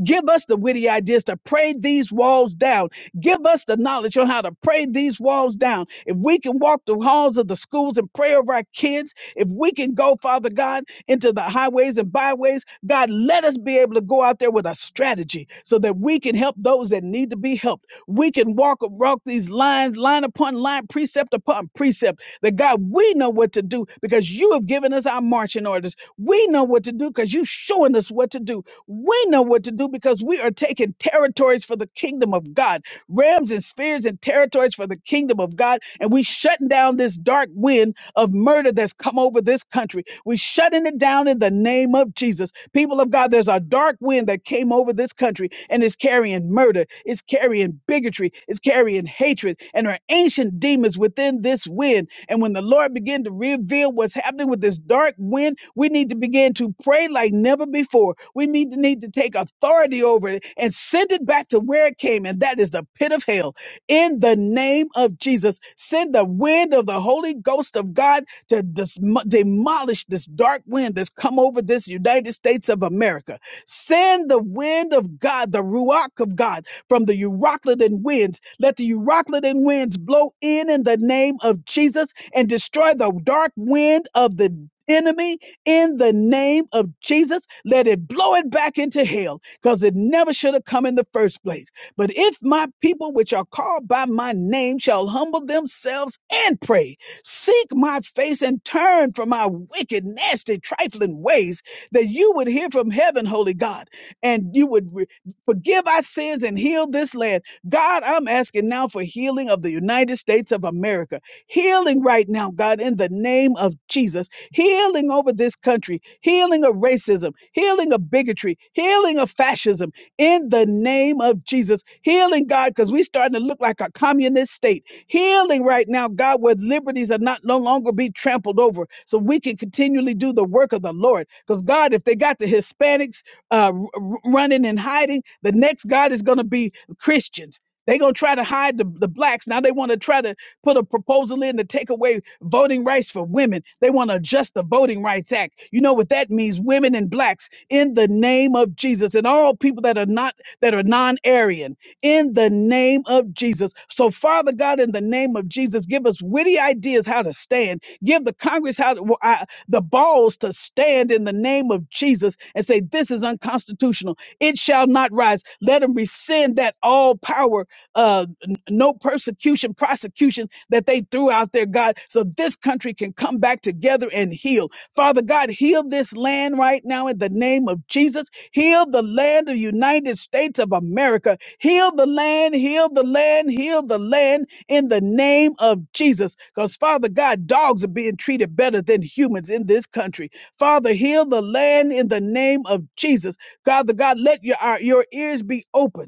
Speaker 3: Give us the witty ideas to pray these walls down. Give us the knowledge on how to pray these walls down. If we can walk the halls of the schools and pray over our kids, if we can go, Father God, into the highways and byways, God, let us be able to go out there with a strategy so that we can help those that need to be helped. We can walk walk these lines, line upon line, precept upon precept. That God, we know what to do because you have given us our marching orders. We know what to do because you're showing us what to do. We know what to do because we are taking territories for the kingdom of God, realms and spheres and territories for the kingdom of God. And we shutting down this dark wind of murder that's come over this country. We shutting it down in the name of Jesus. People of God, there's a dark wind that came over this country and is carrying murder, it's carrying bigotry, it's carrying hatred, and our ancient demons within this wind. And when the Lord began to reveal what's happening with this dark wind, we need to begin to pray like never before. We need to need to take authority over it and send it back to where it came, and that is the pit of hell. In the name of Jesus, send the wind of the Holy Ghost of God to dis- demolish this dark wind that's come over this United States of America. Send the wind of God, the ruach of God, from the Euroclidon winds. Let the Euroclidon winds blow in in the name of Jesus and destroy the dark wind of the enemy in the name of Jesus. Let it blow it back into hell because it never should have come in the first place. But if my people, which are called by my name, shall humble themselves and pray, seek my face and turn from my wicked, nasty, trifling ways, that you would hear from heaven, holy God, and you would re- forgive our sins and heal this land. God, I'm asking now for healing of the United States of America. Healing right now, God, in the name of Jesus. Healing over this country. Healing of racism. Healing of bigotry. Healing of fascism. In the name of Jesus. Healing, God, because we starting to look like a communist state. Healing right now, God, where liberties are not no longer be trampled over. So we can continually do the work of the Lord. Because God, if they got the Hispanics uh, r- r- running and hiding, the next God is going to be Christians. They gonna try to hide the, the blacks. Now they want to try to put a proposal in to take away voting rights for women. They want to adjust the Voting Rights Act. You know what that means? Women and blacks in the name of Jesus and all people that are not, that are non Aryan in the name of Jesus. So, Father God, in the name of Jesus, give us witty ideas how to stand. Give the Congress how to, wh- I- the balls to stand in the name of Jesus and say, This is unconstitutional. It shall not rise. Let them rescind that all power uh, n- no persecution, prosecution that they threw out there, God, so this country can come back together and heal. Father God, heal this land right now in the name of Jesus. Heal the land of United States of America. Heal the land, heal the land, heal the land in the name of Jesus. Because, Father God, dogs are being treated better than humans in this country. Father, heal the land in the name of Jesus. Father God, let your, our, your ears be open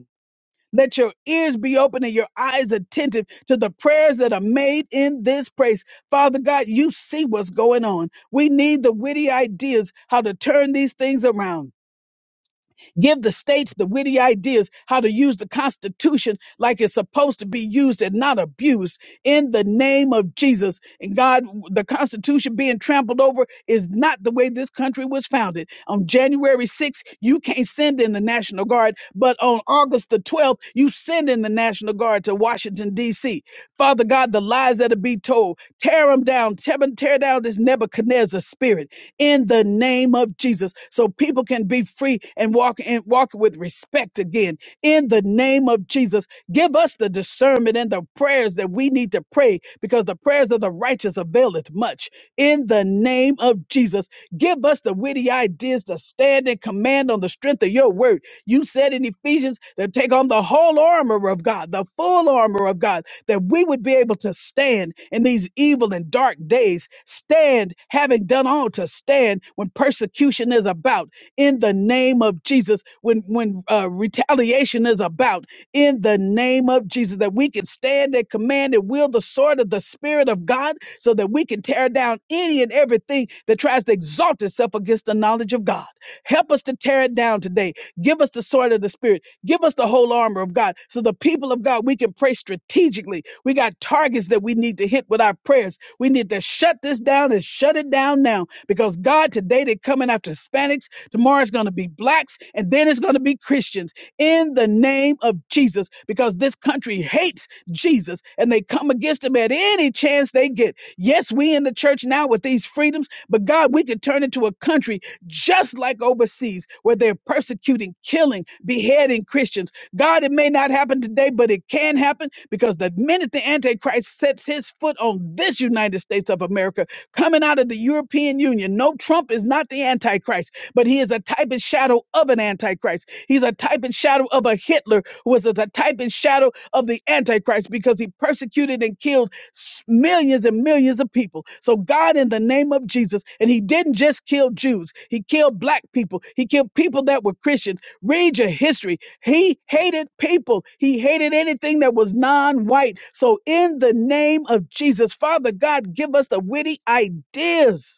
Speaker 3: let your ears be open and your eyes attentive to the prayers that are made in this place. Father God, you see what's going on. We need the witty ideas, how to turn these things around. Give the states the witty ideas how to use the Constitution like it's supposed to be used and not abused in the name of Jesus. And God, the Constitution being trampled over is not the way this country was founded. On January 6th, you can't send in the National Guard, but on August the 12th, you send in the National Guard to Washington, D.C. Father God, the lies that are be told, tear them down, tear, tear down this Nebuchadnezzar spirit in the name of Jesus so people can be free and walk and walk with respect again in the name of Jesus give us the discernment and the prayers that we need to pray because the prayers of the righteous availeth much in the name of Jesus give us the witty ideas to stand and command on the strength of your word you said in Ephesians to take on the whole armor of God the full armor of God that we would be able to stand in these evil and dark days, stand having done all to stand when persecution is about in the name of Jesus, when, when uh, retaliation is about in the name of Jesus, that we can stand and command and wield the sword of the Spirit of God so that we can tear down any and everything that tries to exalt itself against the knowledge of God. Help us to tear it down today. Give us the sword of the Spirit. Give us the whole armor of God. So the people of God, we can pray strategically. We got targets that we need to hit with our prayers. We need to shut this down and shut it down now because God, today they're coming after Hispanics. Tomorrow it's going to be blacks and then it's going to be Christians in the name of Jesus because this country hates Jesus and they come against him at any chance they get. Yes, we in the church now with these freedoms, but God, we could turn into a country just like overseas, where they're persecuting, killing, beheading Christians. God, it may not happen today, but it can happen because the minute the Antichrist sets his foot on this United States of America, coming out of the European Union, no, Trump is not the Antichrist, but he is a type and shadow of an Antichrist. He's a type and shadow of a Hitler, who was a type and shadow of the Antichrist because he persecuted and killed s- millions and millions of people. So, God, in the name of Jesus, and He didn't just kill Jews, He killed black people, He killed people that were Christians. Read your history. He hated people, He hated anything that was non white. So, in the name of Jesus, Father God, give us the witty ideas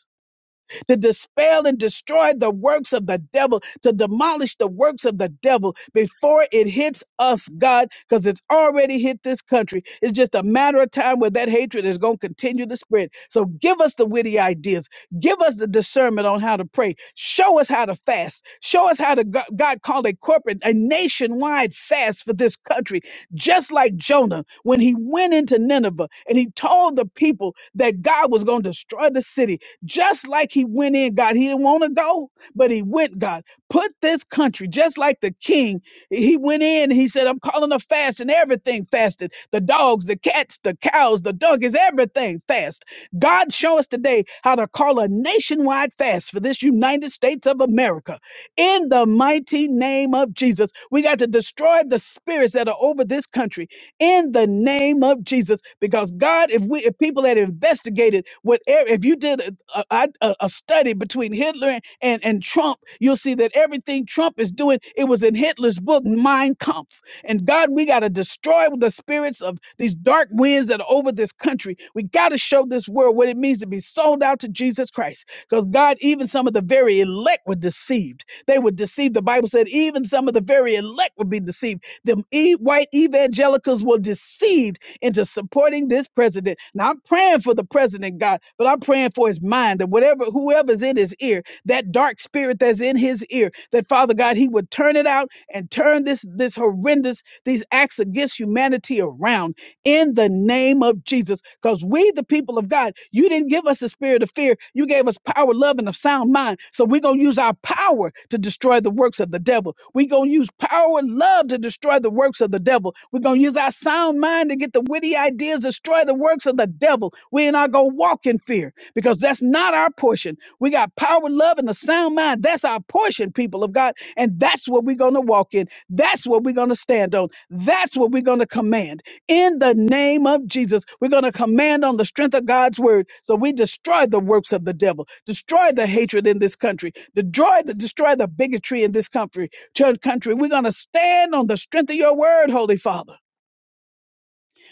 Speaker 3: to dispel and destroy the works of the devil, to demolish the works of the devil before it hits us, God, because it's already hit this country. It's just a matter of time where that hatred is going to continue to spread. So give us the witty ideas. Give us the discernment on how to pray. Show us how to fast. Show us how to, go- God called a corporate, a nationwide fast for this country. Just like Jonah, when he went into Nineveh and he told the people that God was going to destroy the city, just like he went in, God, he didn't want to go, but he went, God. Put this country, just like the king, he went in, he said, I'm calling a fast, and everything fasted the dogs, the cats, the cows, the donkeys, everything fast. God, show us today how to call a nationwide fast for this United States of America. In the mighty name of Jesus, we got to destroy the spirits that are over this country in the name of Jesus. Because God, if we if people had investigated whatever, if you did a, a, a a study between Hitler and, and, and Trump, you'll see that everything Trump is doing, it was in Hitler's book, Mein Kampf. And God, we got to destroy the spirits of these dark winds that are over this country. We got to show this world what it means to be sold out to Jesus Christ. Because God, even some of the very elect were deceived. They were deceived. The Bible said even some of the very elect would be deceived the e- white evangelicals were deceived into supporting this president. Now I'm praying for the president, God, but I'm praying for his mind that whatever whoever's in his ear, that dark spirit that's in his ear, that Father God, he would turn it out and turn this this horrendous these acts against humanity around in the name of Jesus. Because we, the people of God, you didn't give us a spirit of fear. You gave us power, love, and a sound mind. So we're going to use our power to destroy the works of the devil. We're going to use power and love to destroy the works of the devil. We're going to use our sound mind to get the witty ideas, destroy the works of the devil. We're not going to walk in fear because that's not our portion. We got power, love, and a sound mind. That's our portion, people of God. And that's what we're going to walk in. That's what we're going to stand on. That's what we're going to command in the name of Jesus. We're going to command on the strength of God's word. So we destroy the works of the devil, destroy the hatred in this country, destroy the, destroy the bigotry in this country. Church country, we're going to stand on the strength of your word, Holy Father,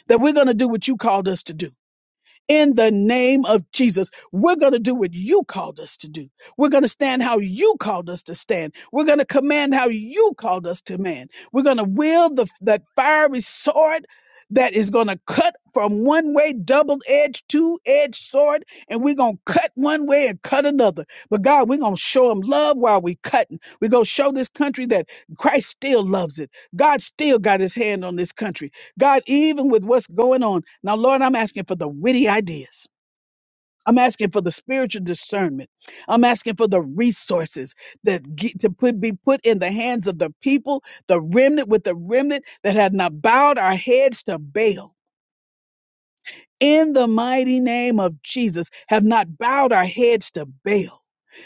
Speaker 3: that we're going to do what you called us to do in the name of Jesus. We're going to do what you called us to do. We're going to stand how you called us to stand. We're going to command how you called us to man. We're going to wield the, that fiery sword that is going to cut from one way, double edged, two edged sword, and we're going to cut one way and cut another. But God, we're going to show them love while we cutting. We're going to show this country that Christ still loves it. God still got his hand on this country. God, even with what's going on. Now, Lord, I'm asking for the witty ideas. I'm asking for the spiritual discernment. I'm asking for the resources that get to put, be put in the hands of the people, the remnant with the remnant that have not bowed our heads to Baal. In the mighty name of Jesus, have not bowed our heads to Baal.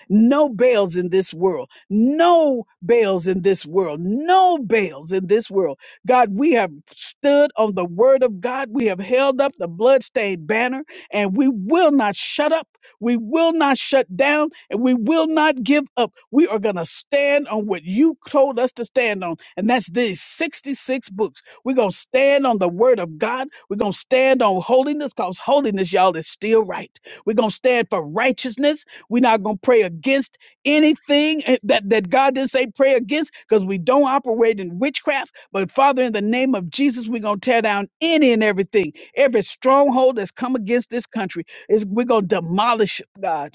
Speaker 3: No Baals in this world. No Baals in this world. No Baals in this world. God, we have stood on the word of God. We have held up the bloodstained banner and we will not shut up. We will not shut down and we will not give up. We are going to stand on what you told us to stand on. And that's these 66 books. We're going to stand on the word of God. We're going to stand on holiness because holiness, y'all, is still right. We're going to stand for righteousness. We're not going to pray against anything eh, that, that God didn't say pray against because we don't operate in witchcraft. But Father, in the name of Jesus, we're going to tear down any and everything, every stronghold that's come against this country. Is we're going to demolish it, God.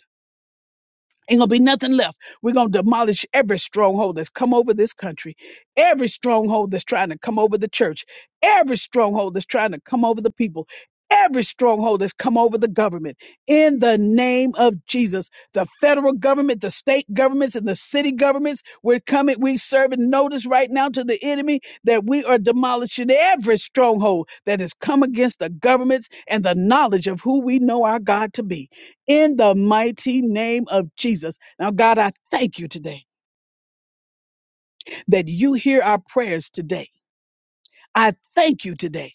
Speaker 3: Ain't gonna be nothing left. We're gonna demolish every stronghold that's come over this country, every stronghold that's trying to come over the church, every stronghold that's trying to come over the people, every stronghold that's come over the government. In the name of Jesus, the federal government, the state governments, and the city governments, we're coming, we serving notice right now to the enemy that we are demolishing every stronghold that has come against the governments and the knowledge of who we know our God to be in the mighty name of Jesus. Now, God, I thank you today that you hear our prayers today. I thank you today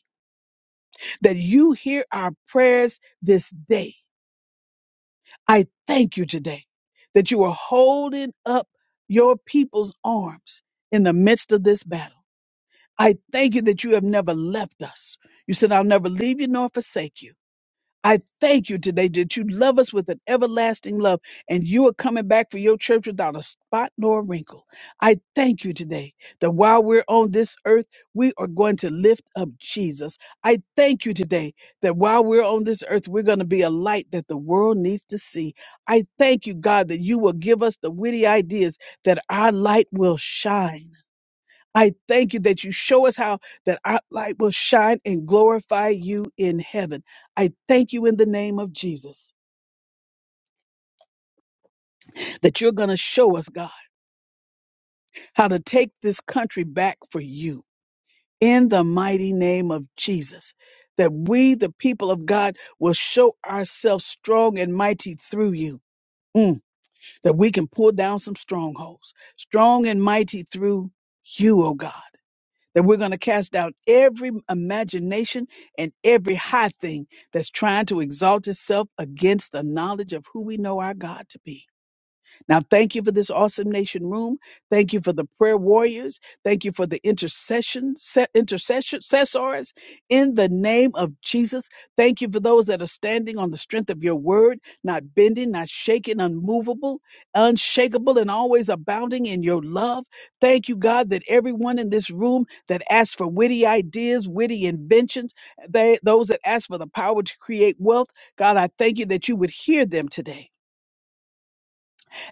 Speaker 3: that you hear our prayers this day. I thank you today that you are holding up your people's arms in the midst of this battle. I thank you that you have never left us. You said, I'll never leave you nor forsake you. I thank you today that you love us with an everlasting love and you are coming back for your church without a spot nor a wrinkle. I thank you today that while we're on this earth, we are going to lift up Jesus. I thank you today that while we're on this earth, we're going to be a light that the world needs to see. I thank you, God, that you will give us the witty ideas that our light will shine. I thank you that you show us how that our light will shine and glorify you in heaven. I thank you in the name of Jesus that you're going to show us, God, how to take this country back for you in the mighty name of Jesus. That we, the people of God, will show ourselves strong and mighty through you. Mm, that we can pull down some strongholds, strong and mighty through you, oh God. that we're going to cast out every imagination and every high thing that's trying to exalt itself against the knowledge of who we know our God to be. Now, thank you for this awesome nation room. Thank you for the prayer warriors. Thank you for the intercession, se- intercession, intercessors in the name of Jesus. Thank you for those that are standing on the strength of your word, not bending, not shaking, unmovable, unshakable, and always abounding in your love. Thank you, God, that everyone in this room that asks for witty ideas, witty inventions, they, those that ask for the power to create wealth, God, I thank you that you would hear them today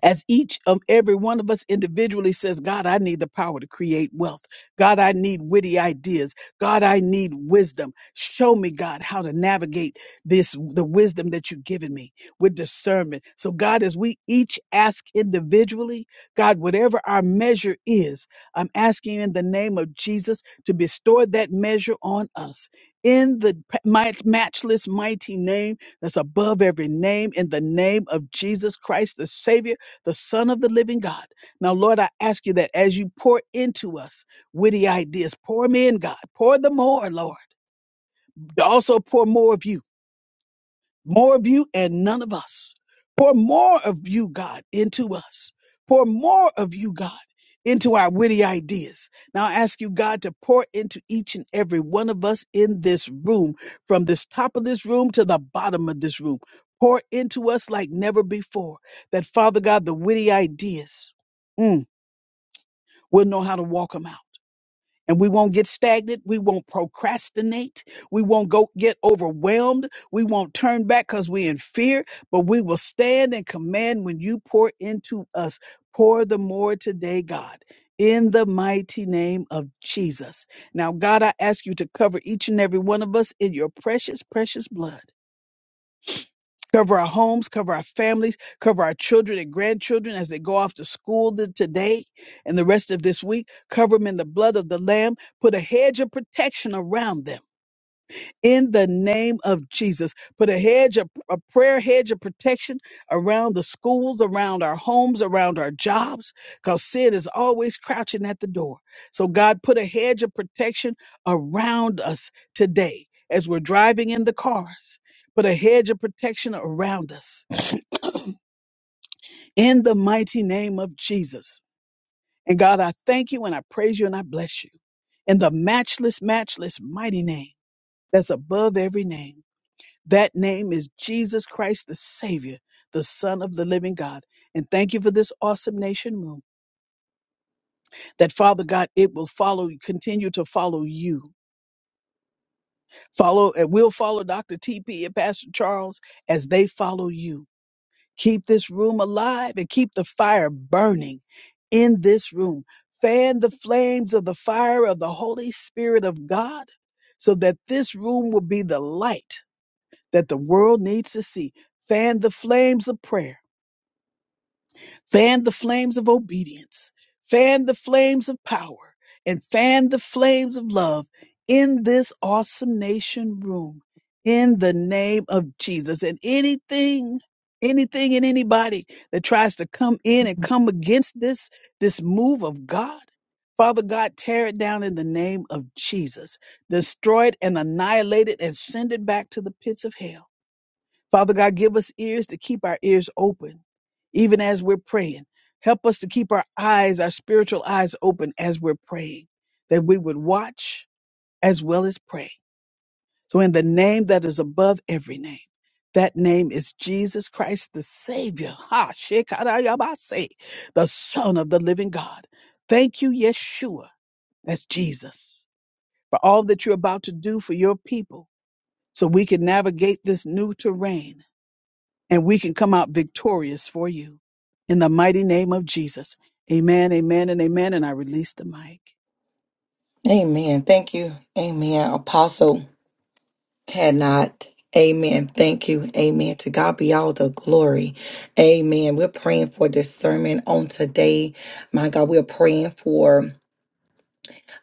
Speaker 3: as each of every one of us individually says, God, I need the power to create wealth. God, I need witty ideas. God, I need wisdom. Show me, God, how to navigate this, the wisdom that you've given me with discernment. So, God, as we each ask individually, God, whatever our measure is, I'm asking in the name of Jesus to bestow that measure on us. In the p- mi- matchless, mighty name that's above every name, in the name of Jesus Christ, the Savior the Son of the living God. Now, Lord, I ask you that as you pour into us witty ideas, pour me in, God. Pour the more, Lord. Also, pour more of you more of you and none of us. Pour more of you, God, into us. Pour more of you, God, into our witty ideas. Now I ask you, God, to pour into each and every one of us in this room, from this top of this room to the bottom of this room. Pour into us like never before. That Father God, the witty ideas mm, we'll know how to walk them out and we won't get stagnant. We won't procrastinate. We won't go get overwhelmed. We won't turn back because we're in fear, but we will stand and command when you pour into us. Pour the more today, God. In the mighty name of Jesus. Now, God, I ask you to cover each and every one of us in your precious, precious blood cover our homes, cover our families, cover our children and grandchildren as they go off to school th- today and the rest of this week. Cover them in the blood of the Lamb. Put a hedge of protection around them in the name of Jesus. Put a hedge, of a prayer hedge of protection around the schools, around our homes, around our jobs, because sin is always crouching at the door. So, God, put a hedge of protection around us today as we're driving in the cars. Put a hedge of protection around us in the mighty name of Jesus. And God, I thank you and I praise you and I bless you in the matchless, matchless, mighty name that's above every name. That name is Jesus Christ, the Savior, the Son of the living God. And thank you for this awesome nation room. That Father God, it will follow, continue to follow you. Follow, it will follow Dr. TP and Pastor Charles as they follow you. Keep this room alive and keep the fire burning in this room. Fan the flames of the fire of the Holy Spirit of God so that this room will be the light that the world needs to see. Fan the flames of prayer Fan the flames of obedience, fan the flames of power, and fan the flames of love in this awesome nation room in the name of Jesus. And anything, anything and anybody that tries to come in and come against this, this move of God, Father God, tear it down in the name of Jesus. Destroy it and annihilate it and send it back to the pits of hell. Father God, give us ears to keep our ears open, even as we're praying. Help us to keep our eyes, our spiritual eyes open as we're praying, that we would watch as well as pray. So, in the name that is above every name, that name is Jesus Christ, the Savior, [LAUGHS] ha, Shekinah-yabase, the Son of the living God. Thank you, Yeshua, that's Jesus, for all that you're about to do for your people so we can navigate this new terrain and we can come out victorious for you. In the mighty name of Jesus. Amen, amen, and amen. And I release the mic.
Speaker 1: Amen. Thank you. Amen. Apostle. had not. Amen. Thank you. Amen. To God be all the glory. Amen. We're praying for discernment on today. My God, we're praying for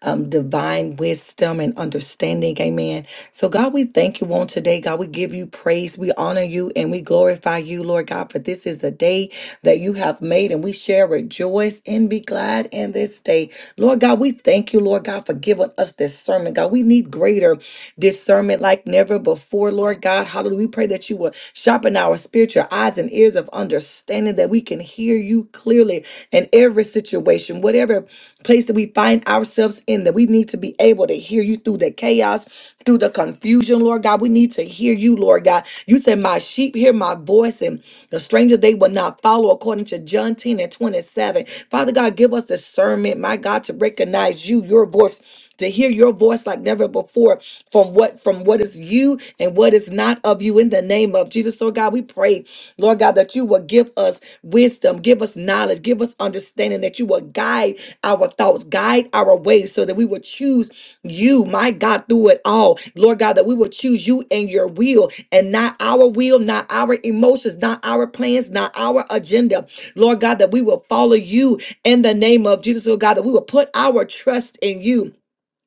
Speaker 1: um, divine wisdom and understanding. Amen. So, God, we thank you on today. God, we give you praise. We honor you and we glorify you, Lord God, for this is the day that you have made and we shall rejoice and be glad in this day. Lord God, we thank you, Lord God, for giving us discernment. God, we need greater discernment like never before, Lord God. Hallelujah. We pray that you will sharpen our spiritual eyes and ears of understanding that we can hear you clearly in every situation, whatever place that we find ourselves in, that we need to be able to hear you through the chaos, through the confusion, Lord God. We need to hear you, Lord God. You said, My sheep hear my voice, and the stranger they will not follow, according to John 10 and 27. Father God, give us discernment, my God, to recognize you, your voice to hear your voice like never before from what from what is you and what is not of you in the name of Jesus. Lord God, we pray, Lord God, that you will give us wisdom, give us knowledge, give us understanding, that you will guide our thoughts, guide our ways, so that we will choose you, my God, through it all. Lord God, that we will choose you and your will and not our will, not our emotions, not our plans, not our agenda. Lord God, that we will follow you in the name of Jesus, Lord God, that we will put our trust in you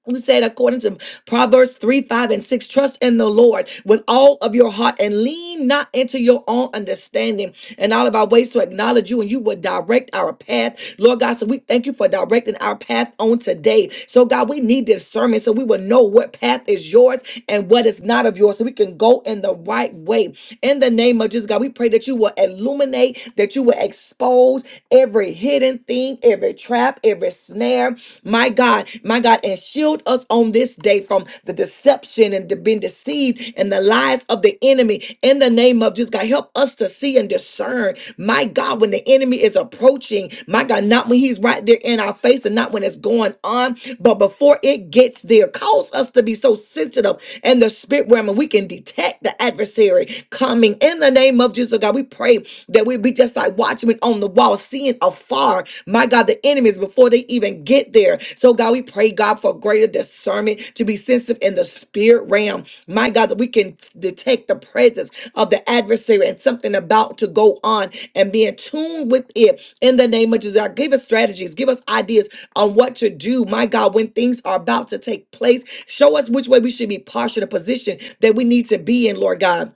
Speaker 1: who said according to Proverbs 3, 5, and 6, trust in the Lord with all of your heart and lean not into your own understanding and all of our ways to acknowledge you and you will direct our path. Lord God, so we thank you for directing our path on today. So God, we need discernment so we will know what path is yours and what is not of yours so we can go in the right way. In the name of Jesus, God, we pray that you will illuminate, that you will expose every hidden thing, every trap, every snare. My God, my God, and shield us on this day from the deception and to being deceived and the lies of the enemy in the name of Jesus. God, help us to see and discern, my God, when the enemy is approaching, my God, not when he's right there in our face and not when it's going on, but before it gets there, cause us to be so sensitive in the spirit realm and we can detect the adversary coming in the name of Jesus, God. We pray that we be just like God, watchmen on the wall, seeing afar, my God, the enemies before they even get there. So, God, we pray, God, for greater discernment to be sensitive in the spirit realm. My God, that we can detect the presence of the adversary and something about to go on and be in tune with it in the name of Jesus. God, Give us strategies, give us ideas on what to do, my God, when things are about to take place. Show us which way we should be postured, a position that we need to be in, Lord God.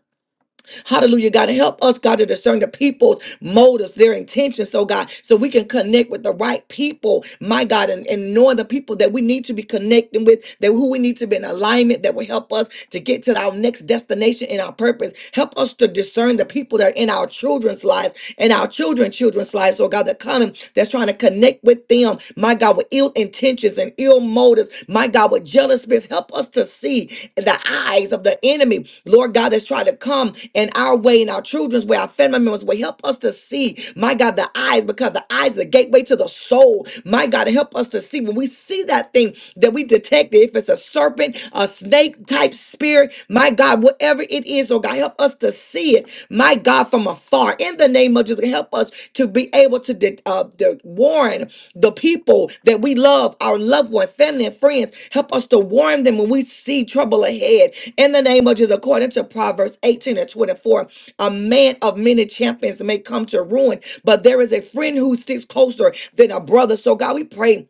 Speaker 1: Hallelujah, God. And help us, God, to discern the people's motives, their intentions, so God, so we can connect with the right people, my God, and, and knowing the people that we need to be connecting with, that who we need to be in alignment, that will help us to get to our next destination in our purpose. Help us to discern the people that are in our children's lives and our children, children's lives, so God, that coming, that's trying to connect with them, my God, with ill ill intentions and ill motives. My God, with jealous spirits, help us to see the eyes of the enemy, Lord God, that's trying to come in our way, in our children's way, our family members' way. Help us to see, my God, the eyes, because the eyes are the gateway to the soul. My God, help us to see when we see that thing that we detect, it, if it's a serpent, a snake type spirit, my God, whatever it is, oh God, help us to us to see it, my God, from afar. In the name of Jesus, help us to be able to de- uh, de- warn the people that we love, our loved ones, family, and friends. Help us to warn them when we see trouble ahead. In the name of Jesus, according to Proverbs 18 and 24, a man of many champions may come to ruin, but there is a friend who sticks closer than a brother. So, God, we pray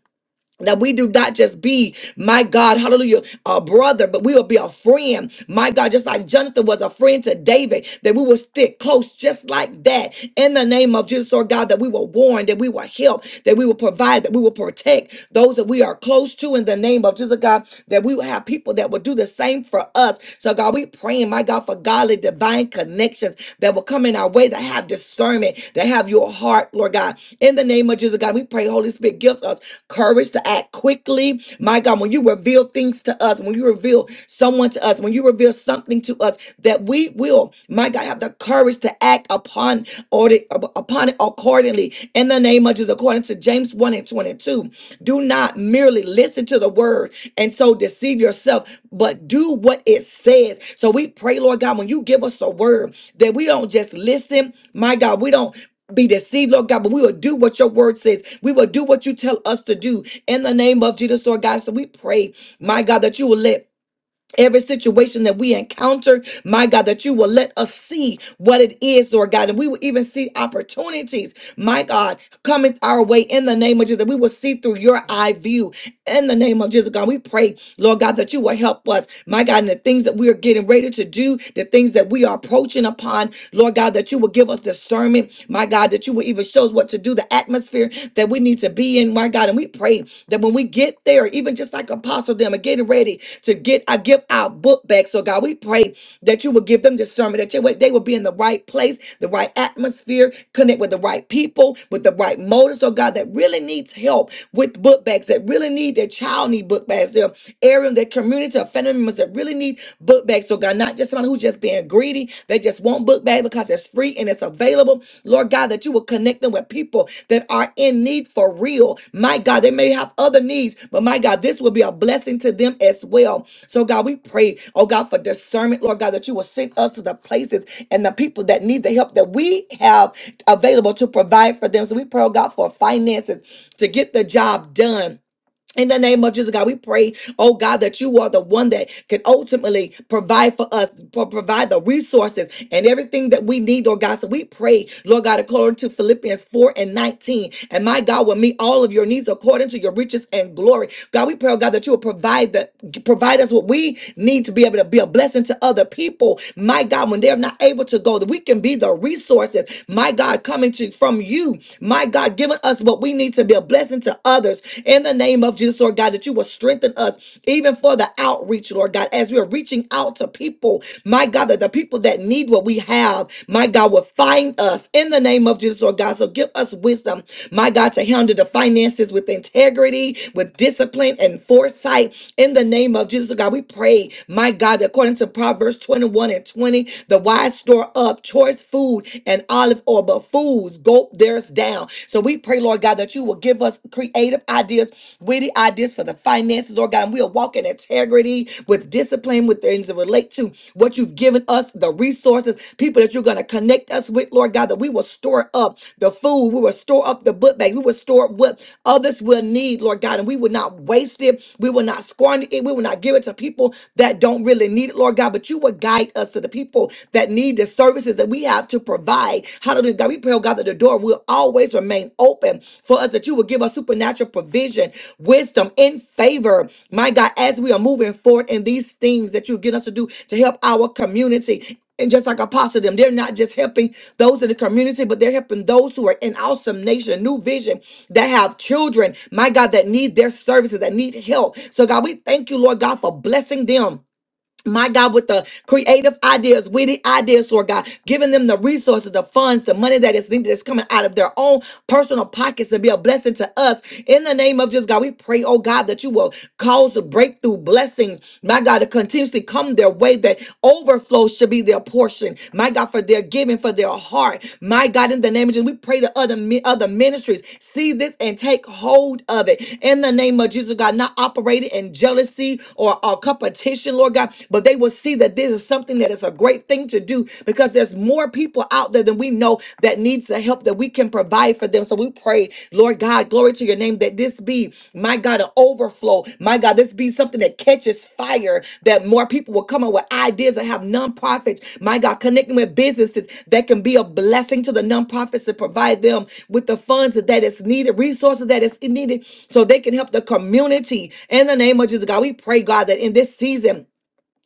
Speaker 1: that we do not just be, my God, hallelujah, a brother, but we will be a friend. My God, just like Jonathan was a friend to David, that we will stick close just like that in the name of Jesus, Lord God, that we will warn, that we will help, that we will provide, that we will protect those that we are close to in the name of Jesus, God, that we will have people that will do the same for us. So, God, we praying, my God, for godly divine connections that will come in our way that have discernment, that have your heart, Lord. Lord God. In the name of Jesus, God, we pray, Holy Spirit gives us courage to act quickly. My God, when you reveal things to us, when you reveal someone to us, when you reveal something to us, that we will, my God, have the courage to act upon or the- upon it accordingly. In the name of Jesus, according to James 1 and 22, do not merely listen to the word and so deceive yourself, but do what it says. So we pray, Lord God, when you give us a word, that we don't just listen, my God, we don't be deceived, Lord God, but we will do what your word says. We will do what you tell us to do in the name of Jesus, Lord God. So we pray, my God, that you will let Every situation that we encounter, my God, that you will let us see what it is, Lord God, and we will even see opportunities, my God, coming our way in the name of Jesus. That we will see through your eye view in the name of Jesus, God. We pray, Lord God, that you will help us, my God, in the things that we are getting ready to do, the things that we are approaching upon, Lord God, that you will give us discernment, my God, that you will even show us what to do, the atmosphere that we need to be in, my God. And we pray that when we get there, even just like Apostle them again getting ready to get I give our book back. So God, we pray that you will give them discernment, that you- they will be in the right place, the right atmosphere, connect with the right people, with the right motives. So God, that really needs help with book bags, that really need their child need book bags, their area, their community of family members that really need book bags. So God, not just somebody who's just being greedy, they just want book bags because it's free free and it's available. Lord God, that you will connect them with people that are in need for real. My God, they may have other needs, but my God, this will be a blessing to them as well. So, God, we pray, oh God, for discernment, Lord God, that you will send us to the places and the people that need the help that we have available to provide for them. So, we pray, oh God, for finances to get the job done in the name of Jesus, God, we pray, oh God, that you are the one that can ultimately provide for us, pro- provide the resources and everything that we need, Lord God. So we pray, Lord God, according to Philippians 4 and 19. And my God will meet all of your needs according to your riches and glory. God, we pray, oh God, that you will provide the provide us what we need to be able to be a blessing to other people. My God, when they're not able to go, that we can be the resources, my God, coming to from you, my God, giving us us, but we need to be a blessing to others in the name of Jesus, Lord God, that you will strengthen us even for the outreach, Lord God, as we are reaching out to people, my God, that the people that need what we have, my God, will find us in the name of Jesus, Lord God. So give us wisdom, my God, to handle the finances with integrity, with discipline and foresight in the name of Jesus, Lord God. We pray, my God, that according to Proverbs 21 and 20, the wise store up choice food and olive oil or but fools gulp theirs down. So we pray, Lord God, that you will give us creative ideas, witty ideas for the finances, Lord God. And we'll walk in integrity with discipline, with things that relate to what you've given us, the resources, people that you're going to connect us with, Lord God, that we will store up the food, we will store up the book bag, we will store up what others will need, Lord God, and we will not waste it, we will not squander it, we will not give it to people that don't really need it, Lord God, but you will guide us to the people that need the services that we have to provide. Hallelujah. God, we pray, oh God, that the door will always remain open for us, that you will give us supernatural provision, wisdom, in favor. My God, as we are moving forward in these things that you get us to do to help our community. And just like Apostle them, they're not just helping those in the community, but they're helping those who are in awesome nation, new vision, that have children, my God, that need their services, that need help. So God, we thank you, Lord God, for blessing them my God, with the creative ideas, witty ideas, Lord God, giving them the resources, the funds, the money that is needed that's coming out of their own personal pockets to be a blessing to us. In the name of Jesus, God, we pray, oh God, that you will cause the breakthrough blessings, my God, to continuously come their way, that overflow should be their portion, my God, for their giving, for their heart. My God, in the name of Jesus, we pray to other, mi- other ministries, see this and take hold of it. In the name of Jesus, God, not operating in jealousy or, or competition, Lord God. God. But they will see that this is something that is a great thing to do because there's more people out there than we know that needs the help that we can provide for them. So we pray, Lord God, glory to your name, that this be, my God, an overflow. My God, this be something that catches fire, that more people will come up with ideas and have nonprofits, my God, connecting with businesses that can be a blessing to the nonprofits to provide them with the funds that that is needed, resources that is needed, so they can help the community. In the name of Jesus, God, we pray, God, that in this season,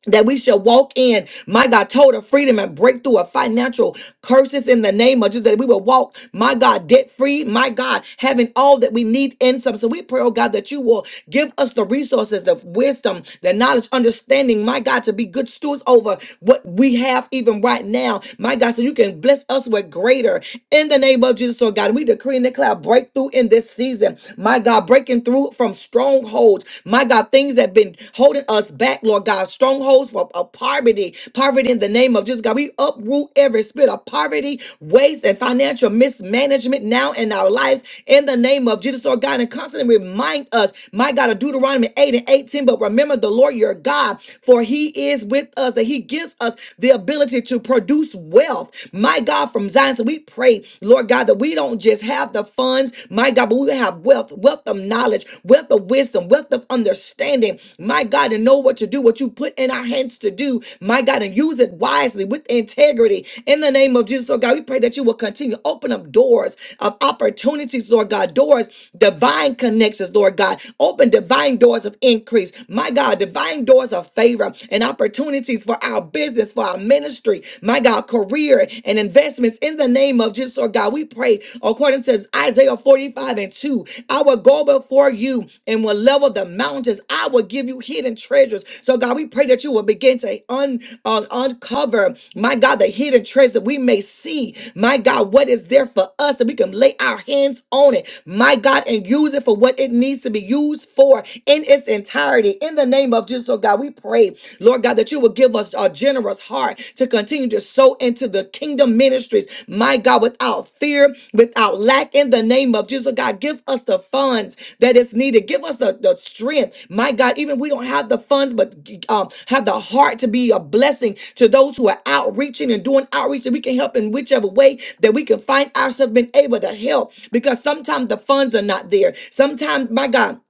Speaker 1: that we shall walk in, my God, total freedom and breakthrough of financial curses in the name of Jesus. That we will walk, my God, debt free, my God, having all that we need in some. So we pray, oh God, that you will give us the resources, the wisdom, the knowledge, understanding, my God, to be good stewards over what we have even right now, my God, so you can bless us with greater in the name of Jesus, oh God. We decree and declare breakthrough in this season, my God, breaking through from strong strongholds. My God, things that have been holding us back, Lord God, strongholds for of poverty, poverty in the name of Jesus, God. We uproot every spirit of poverty, waste, and financial mismanagement now in our lives in the name of Jesus, Lord God, and constantly remind us, my God, of Deuteronomy 8 and 18. But remember the Lord your God, for he is with us, and he gives us the ability to produce wealth, my God, from Zion. So we pray, Lord God, that we don't just have have the funds, my God, but we will have wealth, wealth of knowledge, wealth of wisdom, wealth of understanding, my God, to know what to do, what you put in our hands to do, my God, and use it wisely with integrity. In the name of Jesus, Lord God, we pray that you will continue to open up doors of opportunities, Lord God, doors, divine connections, Lord God, open divine doors of increase, my God, divine doors of favor and opportunities for our business, for our ministry, my God, career and investments in the name of Jesus, Lord God. We pray according to Isaiah 45 and 2. I will go before you and will level the mountains. I will give you hidden treasures. So, God, we pray that you will begin to un, un- uncover, my God, the hidden treasures that we may see, my God, what is there for us that we can lay our hands on it, my God, and use it for what it needs to be used for in its entirety. In the name of Jesus, oh God, we pray today, Lord God, that you would give us a generous heart to continue to sow into the kingdom ministries, my God, without fear, without lack, in the name of Jesus, God, give us the funds that is needed. Give us the, the strength, my God, even we don't have the funds, but um, have the heart to be a blessing to those who are outreaching and doing outreach that we can help in whichever way that we can find ourselves being able to help because sometimes the funds are not there. Sometimes, my God,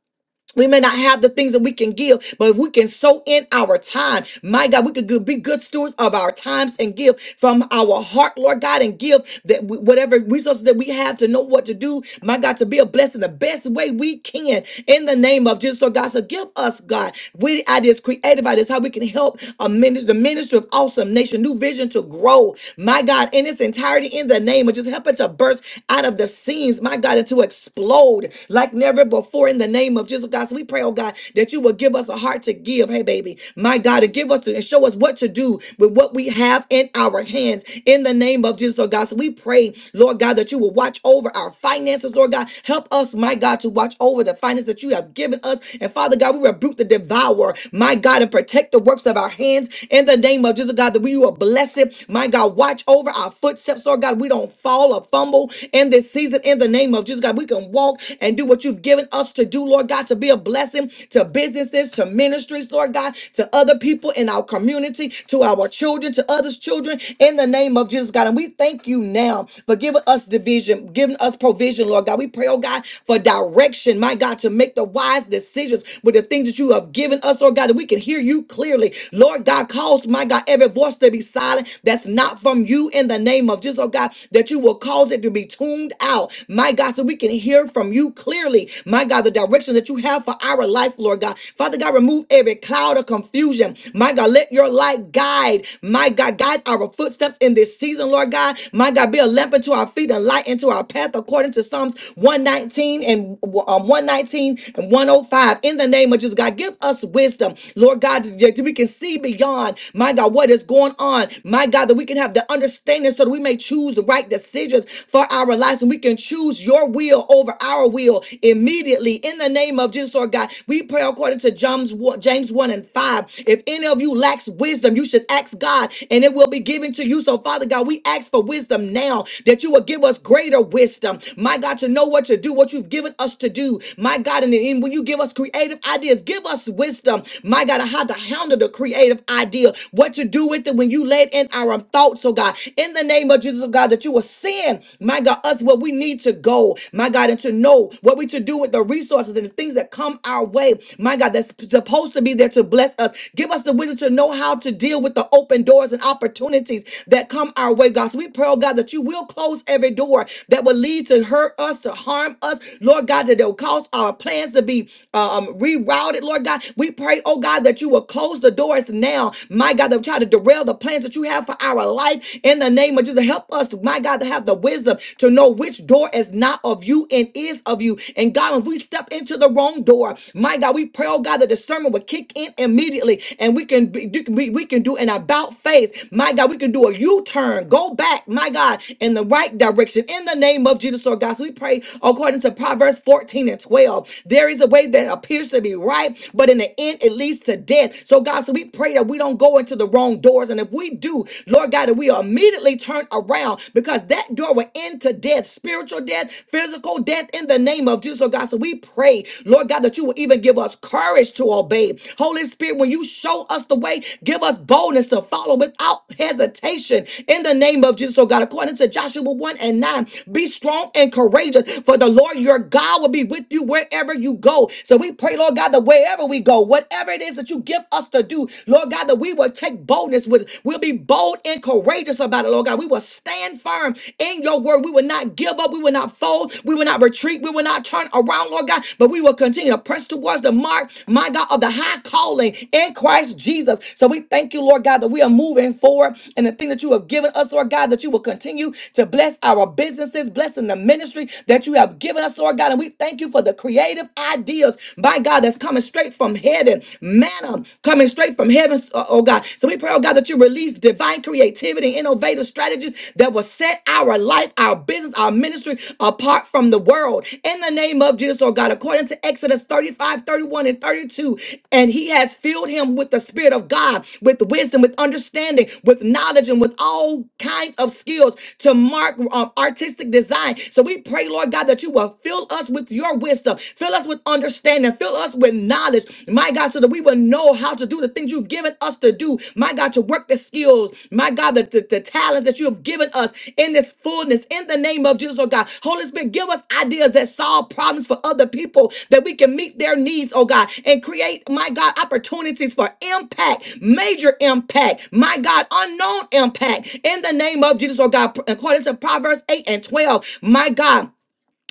Speaker 1: we may not have the things that we can give, but if we can sow in our time, my God, we could go- be good stewards of our times and give from our heart, Lord God, and give that we, whatever resources that we have to know what to do, my God, to be a blessing the best way we can in the name of Jesus, Lord God. So give us, God, witty ideas, creative ideas, how we can help a minister, the ministry of awesome nation, new vision to grow, my God, in its entirety in the name of just helping to burst out of the seams, my God, and to explode like like never before in the name of Jesus, God. So we pray, oh God, that you will give us a heart to give. Hey, baby, my God, to give us to, and show us what to do with what we have in our hands in the name of Jesus, oh God. So we pray, Lord God, that you will watch over our finances, Lord God. Help us, my God, to watch over the finances that you have given us. And Father God, we rebuke the devourer, my God, and protect the works of our hands in the name of Jesus, God, that we will bless it. My God, watch over our footsteps, Lord God. We don't fall or fumble in this season in the name of of Jesus, God. We can walk and do what you've given us to do, Lord God, to be a blessing to businesses, to ministries, Lord God, to other people in our community, to our children, to others' children, in the name of Jesus, God. And we thank you now for giving us division, giving us provision, Lord God. We pray, oh God, for direction, my God, to make the wise decisions with the things that you have given us, Lord God, that we can hear you clearly. Lord God, cause, my God, every voice to be silent that's not from you in the name of Jesus, oh God, that you will cause it it to be tuned out, my God, so we can hear from you clearly, my God, the direction that you have for our life, Lord God. Father God, remove every cloud of confusion, my God. Let your light guide, my God, guide our footsteps in this season, Lord God. My God, be a lamp unto our feet and light into our path, according to Psalms 119 and um, 119 and 105. In the name of Jesus, God, give us wisdom, Lord God, that we can see beyond, my God, what is going on, my God, that we can have the understanding so that we may may choose the right decisions for our lives and we can choose your will over our will immediately in the name of Jesus or God. We pray according to James 1, James 1 and 5. If any of you lacks wisdom, you should ask God and it will be given to you. So, Father God, we ask for wisdom now that you will give us greater wisdom, my God, to know what to do, what you've given us to do, my God. And, and when you give us creative ideas, give us wisdom, my God, on how to handle the creative idea, what to do with it when you lay it in our our thoughts, oh God, in the name of Jesus, oh God, that you will send, my God, us where we need to go, my God, and to know what we to do with the resources and the things that come our way, my God, that's supposed to be there to bless us. Give us the wisdom to know how to deal with the open doors and opportunities that come our way, God. So we pray, oh God, that you will close every door that will lead to hurt us, to harm us, Lord God, that it will cause our plans to be uh, um, rerouted, Lord God. We pray, oh God, that you will close the doors now, my God, that God, that will try to derail the plans that you have for our life in the name of Jesus. Help us, my God, to have the wisdom to know which door is not of you and is of you. And God, if we step into the wrong door, my God, we pray, oh God, the discernment will kick in immediately and we can be, we, we can do an about face. My God, we can do a U-turn, go back, my God, in the right direction in the name of Jesus, Lord God. So we pray according to Proverbs 14 and 12. There is a way that appears to be right, but in the end it leads to death. So so, God, so we pray that we don't go into the wrong doors. And if we do, Lord God, that we are immediately turned around because that door will end to death, spiritual death, physical death in the name of Jesus. So, God, so we pray, Lord God, that you will even give us courage to obey. Holy Spirit, when you show us the way, give us boldness to follow without hesitation in the name of Jesus. So, God, according to Joshua 1 and 9, be strong and courageous, for the Lord your God will be with you wherever you go. So, we pray, Lord God, that wherever we go, we go, whatever it is that you give us to do, Lord God, that we will take boldness with, we'll be bold and courageous about it, Lord God. We will stand firm in your word. We will not give up. We will not fold. We will not retreat. We will not turn around, Lord God, but we will continue to press towards the mark, my God, of the high calling in Christ Jesus. So we thank you, Lord God, that we are moving forward and the thing that you have given us, Lord God, that you will continue to bless our businesses, blessing the ministry that you have given us, Lord God. And we thank you for the creative ideas meals, by God, that's coming straight from heaven, manna coming straight from heaven, oh oh God. So we pray, oh God, that you release divine creativity, innovative strategies that will set our life, our business, our ministry apart from the world. In the name of Jesus, oh God, according to Exodus 35, 31, and 32, and he has filled him with the Spirit of God, with wisdom, with understanding, with knowledge, and with all kinds of skills to mark um, artistic design. So we pray, Lord God, that you will fill us with with your wisdom. Fill us with understanding. Fill us with knowledge, my God, so that we will know how to do the things you've given us to do, my God, to work the skills, my God, the, the, the talents that you have given us in this fullness, in the name of Jesus, oh God. Holy Spirit, give us ideas that solve problems for other people, that we can meet their needs, oh God, and create, my God, opportunities for impact, major impact, my God, unknown impact, in the name of Jesus, oh God, according to Proverbs 8 and 12, my God